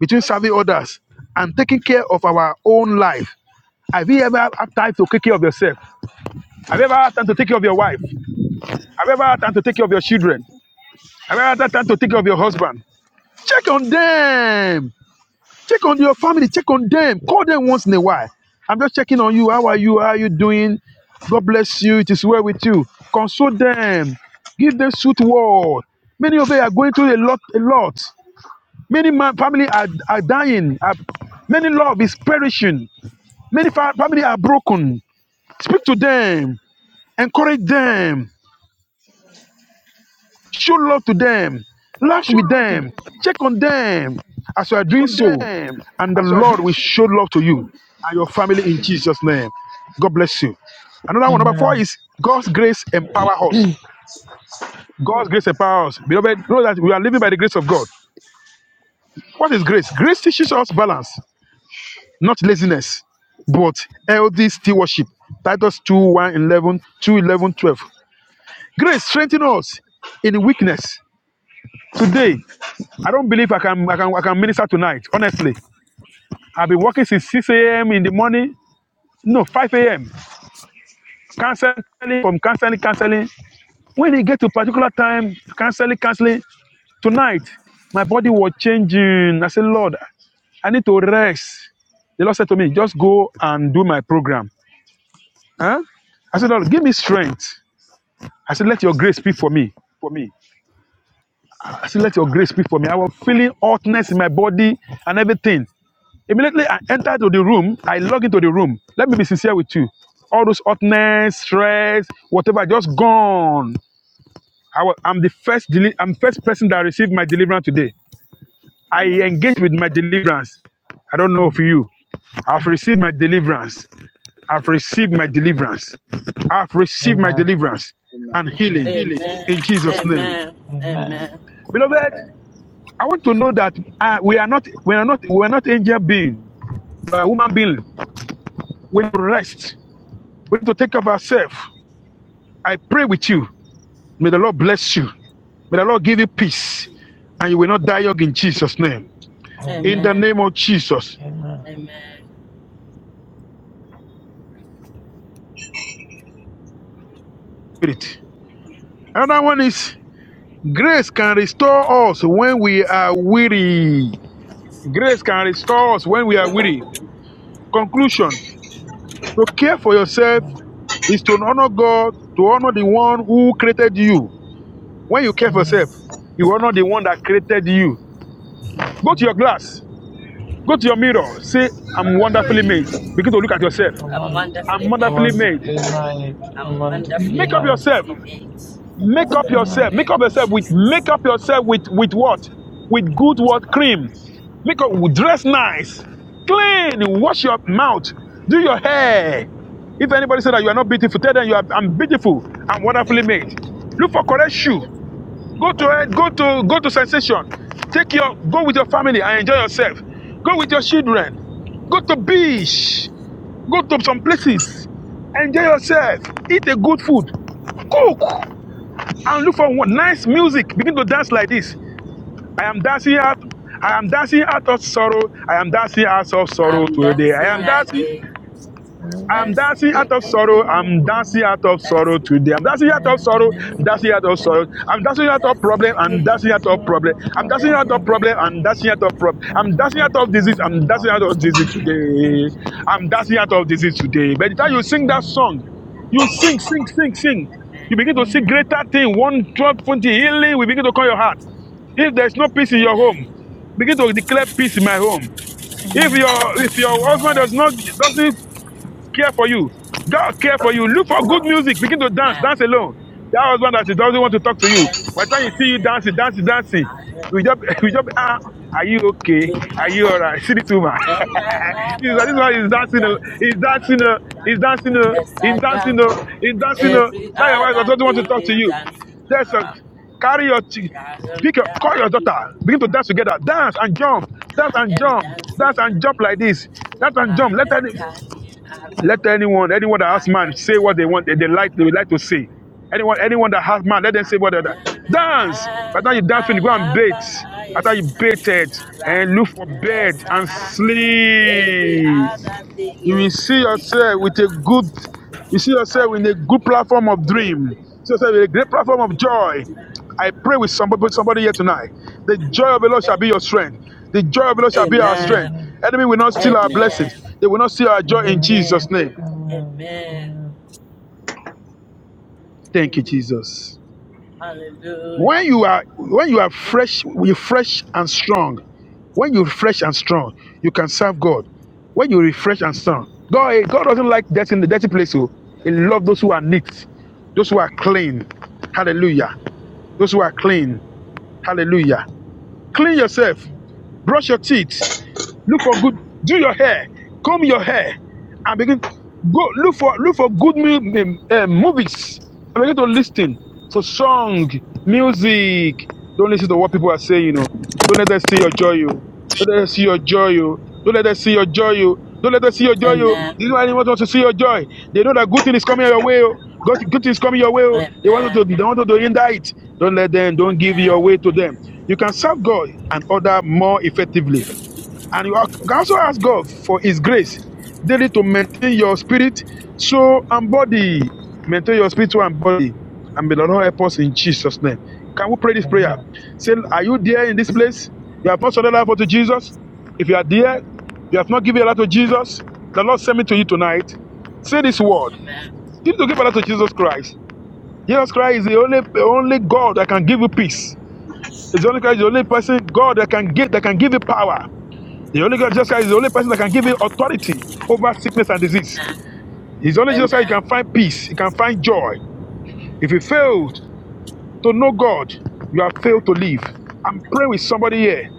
between serving others and taking care of our own life. Have you ever had time to take care of yourself? Have you ever had time to take care of your wife? Have you ever had time to take care of your children? Have you ever had time to take care of your husband? Check on them. Check on your family. Check on them. Call them once in a while. I'm just checking on you. How are you? How are you doing? God bless you. It is well with you. Console them. Give them sweet word. Many of you are going through a lot, a lot. Many man, family are, are dying. Are- many love is perishing. Many fa- family are broken. Speak to them, encourage them, show love to them, laugh Show with love to them, them. check on them. As you are doing so, Condemn and the as you are Lord doing will so show love to you and your family in Jesus' name. God bless you. Another one, number four Amen. is God's grace empower us. God's grace empower us. Beloved, know that we are living by the grace of God. What is grace? Grace teaches us balance, not laziness, but healthy stewardship. Titus 2 one, eleven, two eleven twelve. Grace strengthen us in weakness. Today, I don't believe I can I can I can minister tonight. Honestly, I've been working since 6 a.m. in the morning. No, 5 a.m. Canceling from canceling, canceling. When it get to particular time, canceling, canceling. Tonight, my body was changing. I said, Lord, I need to rest. The Lord said to me, just go and do my program. Huh? I said, Lord, give me strength. I said, let your grace speak for me. for me. I said, let your As grace I speak am for me. doing I was so for me. feeling hotness in my body and everything. Immediately I entered to the room. I log into the room. Let me be sincere with you. All those hotness, stress, whatever, just gone. I was, I'm the first. Deli- I'm first person that received my deliverance today. I engaged with my deliverance. I don't know of you. I've received my deliverance. I've received my deliverance. I've received my Amen. deliverance Amen. and healing healing. Amen. in Jesus' name. Amen. Amen. Amen. Beloved, I want to know that uh, we are not we are not we are not angel being, we are human being. We need to rest. We need to take care of ourselves. I pray with you. May the Lord bless you. May the Lord give you peace, and you will not die young in Jesus' name. In Amen. the Amen. name of Jesus. Amen. Amen. Spirit. Another one is grace can restore us when we are weary. Grace can restore us when we are weary. Conclusion. To care for yourself Amen. is to honor God, to honor the one who created you. When you care for yourself, Amen. you honor the one that created you. Go to your Amen. glass, go to your mirror, say, I'm wonderfully made. Begin to look at yourself. I I'm want, wonderfully I'm I wonderfully made. want to made. flee my, I I'm want to flee wonderfully Make up and my. yourself. beautifully made. Make up wonderful In the Amen. yourself. Make name name up of yourself with Jesus. make up yourself with with what? With good what cream. Make up dress nice. Clean. Wash your mouth. Do your hair. If anybody say that you are not beautiful, tell them you are I'm beautiful. I'm wonderfully made. Look for correct shoe. Go to it. Go to go to sensation. Take your go with your family and enjoy yourself. Go with your children. Go to beach. Go to some places. Enjoy yourself. Eat a good food. Cook and look for one nice music. Begin to dance like this. I am dancing out. I am dancing out of sorrow. I am dancing out of sorrow I'm today. I dancing am dancing. again. I'm I'm Amen. dancing dancing out of Amen. again. sorrow. I'm dancing out of That's sorrow today. I'm it. dancing out That, of sorrow. that's Dancing out of sorrow. I'm dancing out of that's problem. it I'm again. dancing out of problem. I'm dancing That's out it of problem. again. I'm dancing out of problem. I'm dancing That's it out of disease. again. I'm dancing out of disease today. I'm dancing out of disease today. By the time you sing that song, you sing, sing, sing, sing. You Amen. begin to see greater thing. One, twelve, twenty healing. We begin to call your heart. If there's no peace in your home, Amen. begin to declare peace in my home. If your if your husband does not doesn't care for you. God care for you. Look for good music. Begin to dance. Dance Amen. alone. That husband that doesn't want to talk to you. By the Dancing time you all see you dancing, dancing, dancing, I have we just, we just, ah, are you okay? too Are much you alright? See this woman. in my and I'm this one this one is dancing. oh. He's dancing around dancing. the oh. He's dancing. oh. chest He's dancing. down. oh. He's dancing. oh. Every That your wife that other doesn't want to thing talk to is you. dancing That's a around. carry your. T- I am pick your call your daughter dancing. begin to dance together dance and jump dance I and am jump dance dancing. and jump like this dance and jump I let am her turning around. let anyone, anyone that has I man, am say what they turning want, they, they like, around, they would like to say. Anyone, anyone that has man, let them say what they like. Na, na, na, dance. By the time you dance, my finish, go and lover, bait. I am After you turning baited around. and look for As bed I and dance, every sleep, other thing you is will see turning yourself with a around. good, you see yourself in a good Hallelujah. platform of dream. You see yourself with a great platform of joy. Amen. I pray with somebody, somebody here tonight. The joy of the Lord shall be your strength. The joy of the Lord shall be our strength. Amen. Enemy will not steal our blessings. They will not steal our joy in Amen. Jesus' name. Amen. Thank you, Jesus. Hallelujah. When you are when you are fresh, you fresh and strong. When you're fresh and strong, you can serve God. When you refresh and strong, God eh, God doesn't like death in the dirty place. Oh, He loves those who are neat, those who are clean. Hallelujah. Those who are clean. Hallelujah. Clean yourself. Brush your teeth. Look for good. Amen. Do your hair. Comb your hair, and begin go look for look for good mu- um, uh, movies. And begin to listen to song, music. Don't listen to what people are saying. You know. Don't let them see your joy. You. Don't let them see your joy. You. Don't let them see your joy. You. Don't let them see your joy. You. Amen. This is why anyone wants to see your joy. They know that good thing is coming your way. oh. God, good thing is coming your way. oh. They want to. They Amen. want to hinder it. Don't let them. Amen. Amen. Don't give your way to them. You can serve God and other more You effectively can fix and you are- can also ask God for His grace daily to maintain your spirit, soul, and body. Maintain your spirit, soul, and body. And may the Lord help us in Jesus' name. Can we pray this prayer? Say, Are you there in this place? You have not surrendered your life to Jesus? If you are there, you have not given your life to Jesus, the Lord send me to you tonight. Say this word. You need to give your life to Jesus Christ. Jesus Christ is the only, the only God that can give you peace. It's the only Christ, the only person God that can give that can give you power. The only God, Jesus Christ, is the only person that can give you authority over sickness and disease. It's only Amen. Amen. Jesus Christ you can find peace, you can find joy. If you failed to know God, you have failed to live. I'm praying with somebody here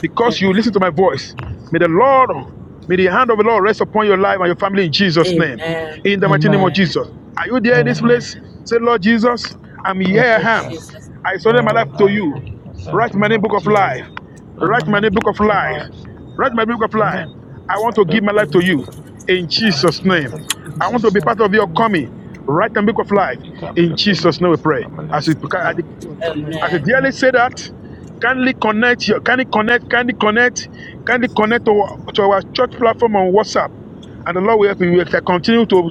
because you Amen. listen to my voice. May the Lord, may the hand of the Lord rest upon your life and your family in Jesus' name. Amen. In Amen. the mighty Amen. name of Amen. Amen. Jesus. Are you there in this Amen. place? Amen. Say, Lord Jesus, I'm Oh here. Lord I am. Jesus, Jesus. I I surrender my am life to him, you. I send Write him my name on book of you, life. Write my name permanent book of book life. alive, Write my book of Timmy, life. I want to give Look my life in to you book alive, in and Jesus' Um, give a name. lot in I want to Jesus' be name, part of your Amen. coming. Write my book of We life pick up in your coming, Jesus' name. We pray permanent as we book alive, pray. my daughter, my I uh, should family, dearly Amen. say that. Kindly connect your kindly connect, kindly connect, kindly connect to, our- to our church platform on WhatsApp. And the Lord will help you. We shall continue to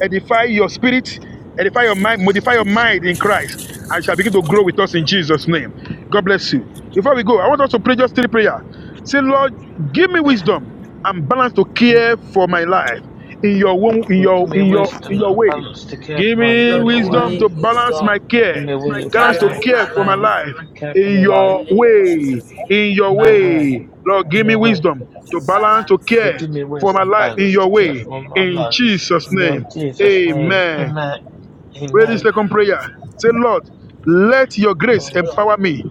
edify your spirit, edify your mind, modify your mind in Christ, and shall begin to grow with us in Jesus' name. God bless you. Before we go, I want us to pray just three prayer. Say, Lord, give me wisdom and balance to care for my life in your wo- in Lord, give your me in your in wisdom your and way. balance to care for Give my me in Lord, your give wisdom way. me to balance my wisdom Give care, me my to wisdom balance and to care. balance my care balance for my my life. life care for in my In the life your name of way, Jesus, give in me your in your balance way, way. Lord, in give to me your way. will, wisdom to to balance to balance, Lord, care give me for my wisdom give and life me in balance your to care wisdom way. for my In to life Jesus' in wisdom your name, to keep Jesus' for my name, amen. life. Amen. Pray Amen. this second Amen. prayer. Say, Lord, let your grace Lord, Lord, empower me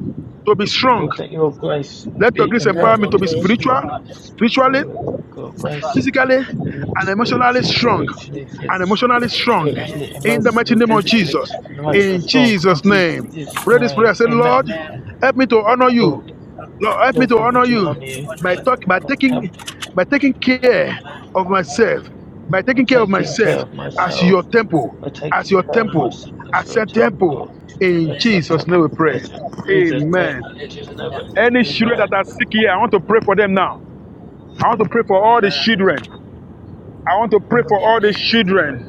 to be strong. Lord, let your grace Let your be, grace let empower empower me me your to to be be grace spiritual, strong. empower me Lord, spiritually let to your be grace strong. physically and to be emotionally spiritually, strong spiritually, and physically, emotionally strong spiritually, Amen. in the mighty emotionally, name of physically, Jesus. Let no matter me to how In be strong. In Jesus' strong. Jesus, name. Jesus' Pray this name, prayer. Say, Lord, amen. Amen. help me to honor Lord, you. Lord, Lord, help me Lord, to help me honor to you honor you. let by me talk by Lord, help taking by taking care honor you. of myself, by by taking care of taking care myself of as Amen. myself, your temple, by as taking your care of Amen. temple, myself as as your your temple. temple, In as your Amen. Jesus' name temple, we pray. as your Jesus' name, Amen. in Jesus' name, Hallelujah. Any children amen. that are sick here, I want to pray for them now. I want to pray for all the Amen. children. I want to pray Amen. for all the Amen. children.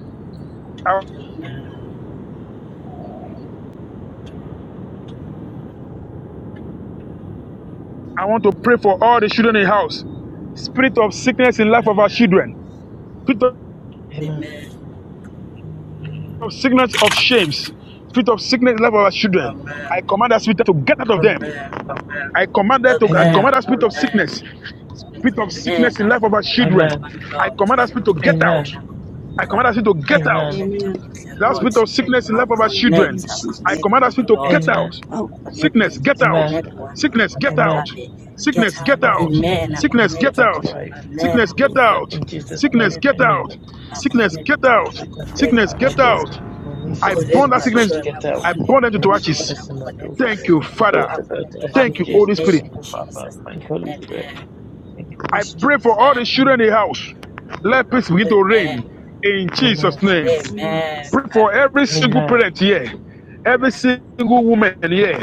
I, Amen. Amen. I want to pray for all the children in the house. Spirit of sickness in life of Amen. our Amen. children. Spirit of Amen. Amen. of sickness of shames. Spirit of sickness in life of our children. I Amen. command that spirit to get out of them. Amen. I command Amen. that to I Amen. command that spirit of Amen. Amen. sickness. I Spirit of sickness in life of our connect love children. and Amen. money, I Lord. command that spirit to get out. Amen. Amen. I command that spirit to get I out. Amen. connect I connect, I connect, That Lord. spirit of sickness in the I life of our children, In connect, I I Jesus' connect name. command to that spirit you, to get Lord. Amen. out. Oh, Connect Sickness, get yes, out. Amen. connect Lord. one, I Sickness, get connect out. Amen. love. me. Get Sickness, get out. Amen. out. Amen. I Sickness, Sickness get get connect. out of out. life. Amen. I Sickness, My connect. get daughter, out. in Jesus' Sickness, name. get Amen. out. I Sickness, connect, get The Lord. out. I sickness gets out connect Sickness, my of my get daughter. children. out. My new I sickness burn and Connect my that my daughter sickness. children. I get out. I connect, burn them My I to new Lord, ashes. I sickness and my daughter. connect, I Thank you, The Father. I daughter birth connect to to ash them in Thank in you, the Jesus. Holy My name Spirit. thank of you, Father. Jesus. Thank you, Holy Spirit. Amen. Thank you, I mighty pray for Jesus. all the Amen. children Amen. in the house. Let peace begin to reign Amen. in Amen. Jesus' name. Amen. Pray for every Hallelujah. single parent here, every single woman here.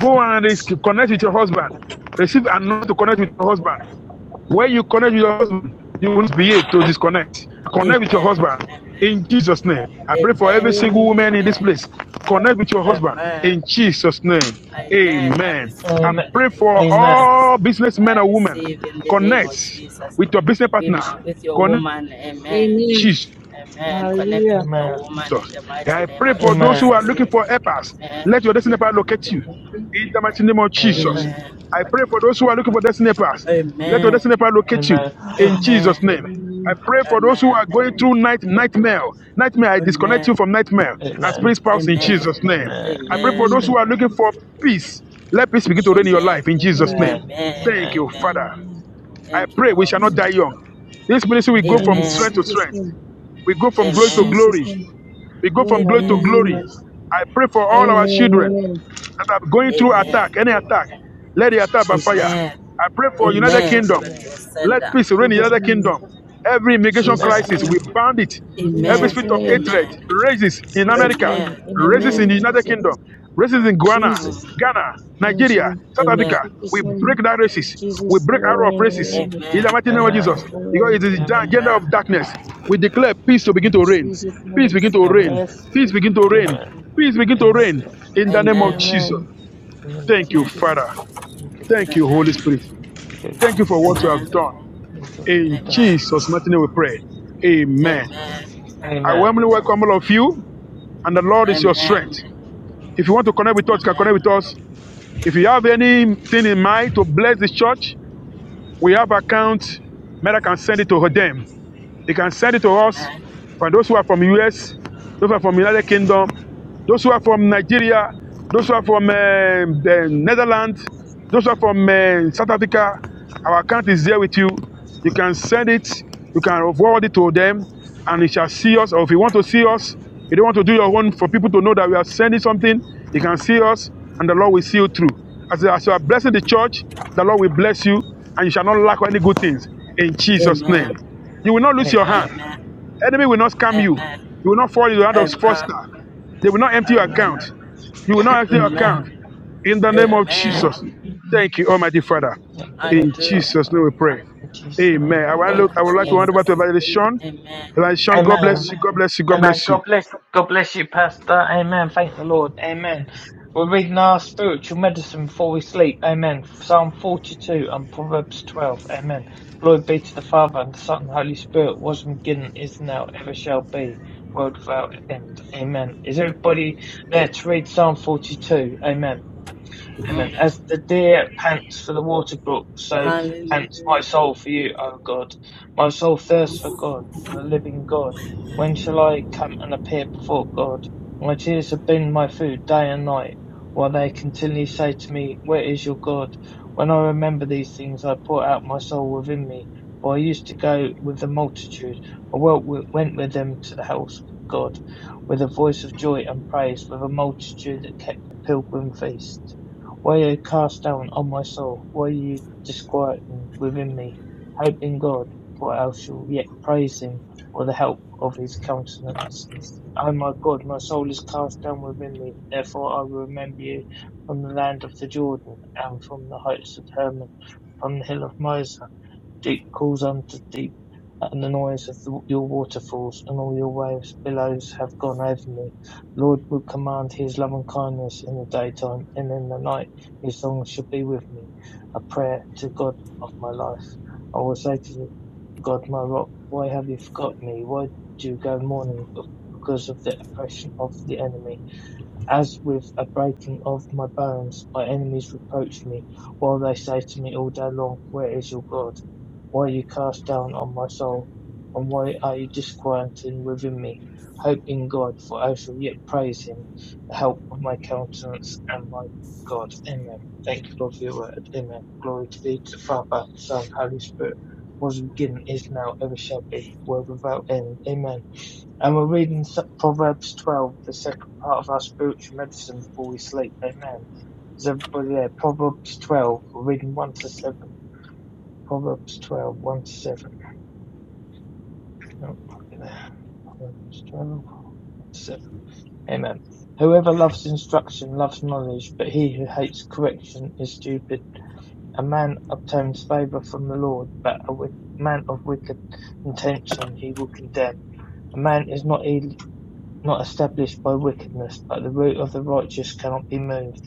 Go and connect with your husband. Receive and not to connect with your husband. When you connect with your husband, you won't behave to disconnect. Connect with your Amen. husband Amen. in Jesus' name. I pray for every Amen. single woman in this Amen. place. Connect with your husband Amen. in Jesus' name. Amen. I Amen. receive Amen. And in the pray name for of Amen. Jesus. all businessmen I and women. receive in the name Connect of Jesus. with your business partner. Woman, with your Connect. woman. with Amen. Amen. Jesus. Amen. Connect Hallelujah. with your Amen. woman in Jesus. the mighty I name pray of for those who Amen. are Jesus. looking for helpers. Amen. Let your destiny helper locate you. In the mighty name of Amen. Jesus. Yeah. Amen. Amen. I pray for those who are looking for destiny helpers. Let your Amen. destiny helper locate you. Amen. In Amen. Jesus' Amen. name. I Amen. pray for those who are Amen. going through night nightmare. Nightmare, I Amen. disconnect you from nightmare and Amen. spirit spouse in Jesus' Amen. name. Amen. I pray for Amen. those Amen. who are looking for peace. Let peace begin to reign in your Jesus. Amen. life in Jesus' name. Amen. Amen. Amen. Amen. Thank you, Amen. Father. Amen. I Thank you, pray we shall Lord. not Amen. die young. This ministry will go Amen. In from Amen. strength Amen. to Jesus' strength. name. We go from glory to Amen. Jesus' glory. name. We go In from the glory to Amen. glory. name of- I pray for all our Amen. Amen. children Amen. that are going In the through name of Amen. attack, any attack. Let the attack by fire. Jesus. Amen. I pray for In United Amen. Jesus' Go Kingdom. back name. Amen. to your Let sender. peace reign in Jesus' Amen. United name. Kingdom. Every immigration Jesus' Amen. crisis, name. we bound it. Every Amen. Jesus' spirit of name, Je- hatred Amen. raises in Jesus' America, name, Amen. in the raises name Amen. in the of United Kingdom, Jesus, raises in Guyana, Jesus, Mm. Ghana, in Nigeria, Jesus, South Africa. Amen. We Jesus' break name, that races. We Jesus' break arrow of races. name, In Amen. the mighty name of Jesus, Amen. Amen. because it Amen. is Amen. the Amen. agenda of Amen. darkness, we declare peace to begin to reign. Jesus' Peace name, begin to reign. Amen. yes, Peace Lord. begin to reign. Amen. Peace begin to Amen. Yes, reign. In the name of Amen. Amen. Jesus. Amen. Amen. Thank you, Amen. Jesus. Father. Thank you for Thank you, Holy Spirit. thank you, Thank you for Spirit. what Jesus. you have Amen. done. Thank you for your In time. Yes, Amen. Jesus' Lord. mighty name we pray. Amen. Amen. Amen. I Amen. warmly welcome all of you, and the Lord is your Amen. strength. If you want to connect with us, you can connect Amen. with us. If you have anything in mind to bless the church, we have accounts. Mera can send it to them. They can send it to us Amen. Amen. for those who are from US, those who are from United Kingdom, those who are from Nigeria, those who are from uh, the Netherlands, those who are from uh, South Africa. Our account is there with you. You can send it, you can forward it to them, and it shall see us. Or if you want to see us, if you don't want to do your own for people to know that we are sending something, you can see us, and the Lord will see you through. As, as you are blessing the church, the Lord will bless you, and you shall not lack any good things in Jesus' name. Amen. You will not lose your Amen. hand. Amen. Enemy will not scam you. You will not fall into the Amen. hand of Amen. fraudster. They will not empty your Thank Amen. you, Jesus. account. You will not empty your Jesus. Amen. account. Amen. In the name Amen. of Amen. Amen. Jesus. Thank you, Almighty Father. Thank you, In mighty Father. Hallelujah. Jesus' name we pray. In Jesus' name Amen. we I, want to pray. Thank look, you, I would like to hand Amen. over to Jesus. Evangelist Sean. Amen. Evangelist Sean, God Amen. bless you. God bless you. God Amen. bless you. God bless you. God bless you, Pastor. Amen. Thank the Lord. Amen. We're reading our spiritual medicine before we sleep. Amen. Psalm 42 and Proverbs 12. Amen. Glory be to the Father and the Son and the Holy Spirit, was and beginning, is now, ever shall be, world without end. Amen. Is everybody there to read Psalm 42? Amen. Amen. As Amen. the deer pants for the water brook, so pants my Hallelujah. soul for you, O God. My soul thirsts for God, for the living God. When shall I come and appear before God? My tears have been my food day and night, while they continually say to me, Where is your God? When I remember these things, I pour out my soul within me, for I used to go with the multitude. I went with went with them to the house of God, with a voice of joy and praise, with a multitude that kept the pilgrim feast. Why are you cast down, O my soul? Why are you disquieted within me? Hope in God, for I shall yet praise him for the help of his countenance. O my God, my soul is cast down within me. Therefore I will remember you from the land of the Jordan and from the heights of Hermon, from the hill of Mizar. Deep calls unto deep at the noise of the, your waterfalls, and all your waves billows have gone over me. Lord will command his loving kindness in the daytime, and in the night his song shall be with me, a prayer to God of my life. I will say to God my rock, why have you forgotten me? Why do you go mourning because of the oppression of the enemy? As with a breaking of my bones, my enemies reproach me, while they say to me all day long, Where is your God? Why are you cast down on my soul? And why are you disquieting within me? Hope in God, for I shall yet praise him, the help of my countenance and my God. Amen. Thank you, Lord, for your word. Amen. Glory to thee, to the Father, Son, Holy Spirit, was beginning, is now, ever shall be, world without end. Amen. And we're reading Proverbs 12, the second part of our spiritual medicine before we sleep. Amen. Is everybody there? Proverbs 12. We're reading 1 to 7. Proverbs twelve, one to 7. Oh, okay there. Proverbs twelve, one to 7. Amen. Whoever loves instruction loves knowledge, but he who hates correction is stupid. A man obtains favor from the Lord, but a man of wicked intention he will condemn. A man is not not established by wickedness, but the root of the righteous cannot be moved.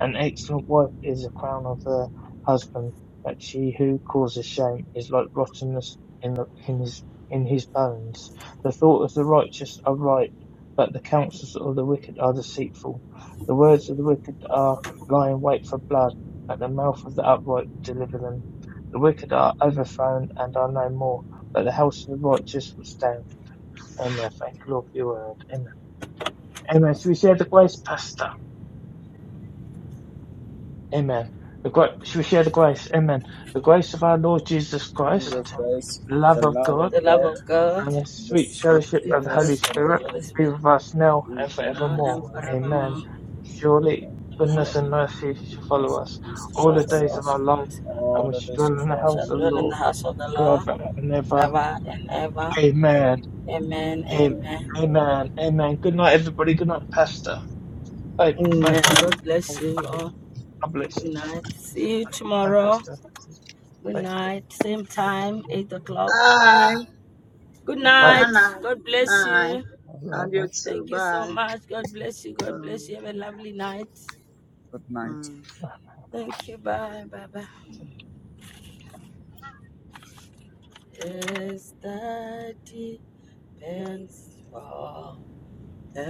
An excellent wife is the crown of her husband, but she who causes shame is like rottenness in, the, in his in his bones. The thoughts of the righteous are right, but the counsels of the wicked are deceitful. The words of the wicked are lie in wait for blood, but the mouth of the upright will deliver them. The wicked are overthrown and are no more, but the house of the righteous will stand. Amen. Thank you, Lord, for your word. Amen. Amen. Should we share the grace, Pastor? Amen. The gra- should we share the grace? Amen. The grace of our Lord Jesus Jesus Christ, Christ. Christ, the love the of love of God, The love God, of God, and the and the sweet sweet fellowship the of the Holy fellowship fellowship of of the the Spirit Holy Holy be Spirit, Spirit, with us now be and with you now now and forevermore. from now Amen. forevermore. on. Surely goodness Amen. and Surely, mercy shall follow goodness and us mercy all Follow shall the us days follow all. of our us life, and all we the shall days of dwell in the our Shall house life. of the dwell in the Lord house of the Lord forever and ever. ever and ever. Amen. Amen. Amen. Amen. Amen. Amen. Good night, everybody. Good night, Pastor. Bye. Bye. Amen. Bye. God bless Bye. you Bye. all. God bless Good you. night. See you i Bye, tomorrow. Pastor. Good Bye. night. Same time, 8 o'clock. Bye. Good Bye. Night night. night. God bless Night. you. Bye. And you Bye. too. Thank you so Bye. much. God bless you. God bless you. Um, Have a lovely night. Good night. mm. Thank you. Bye. Bye. Bye. mm. Yes, that depends for the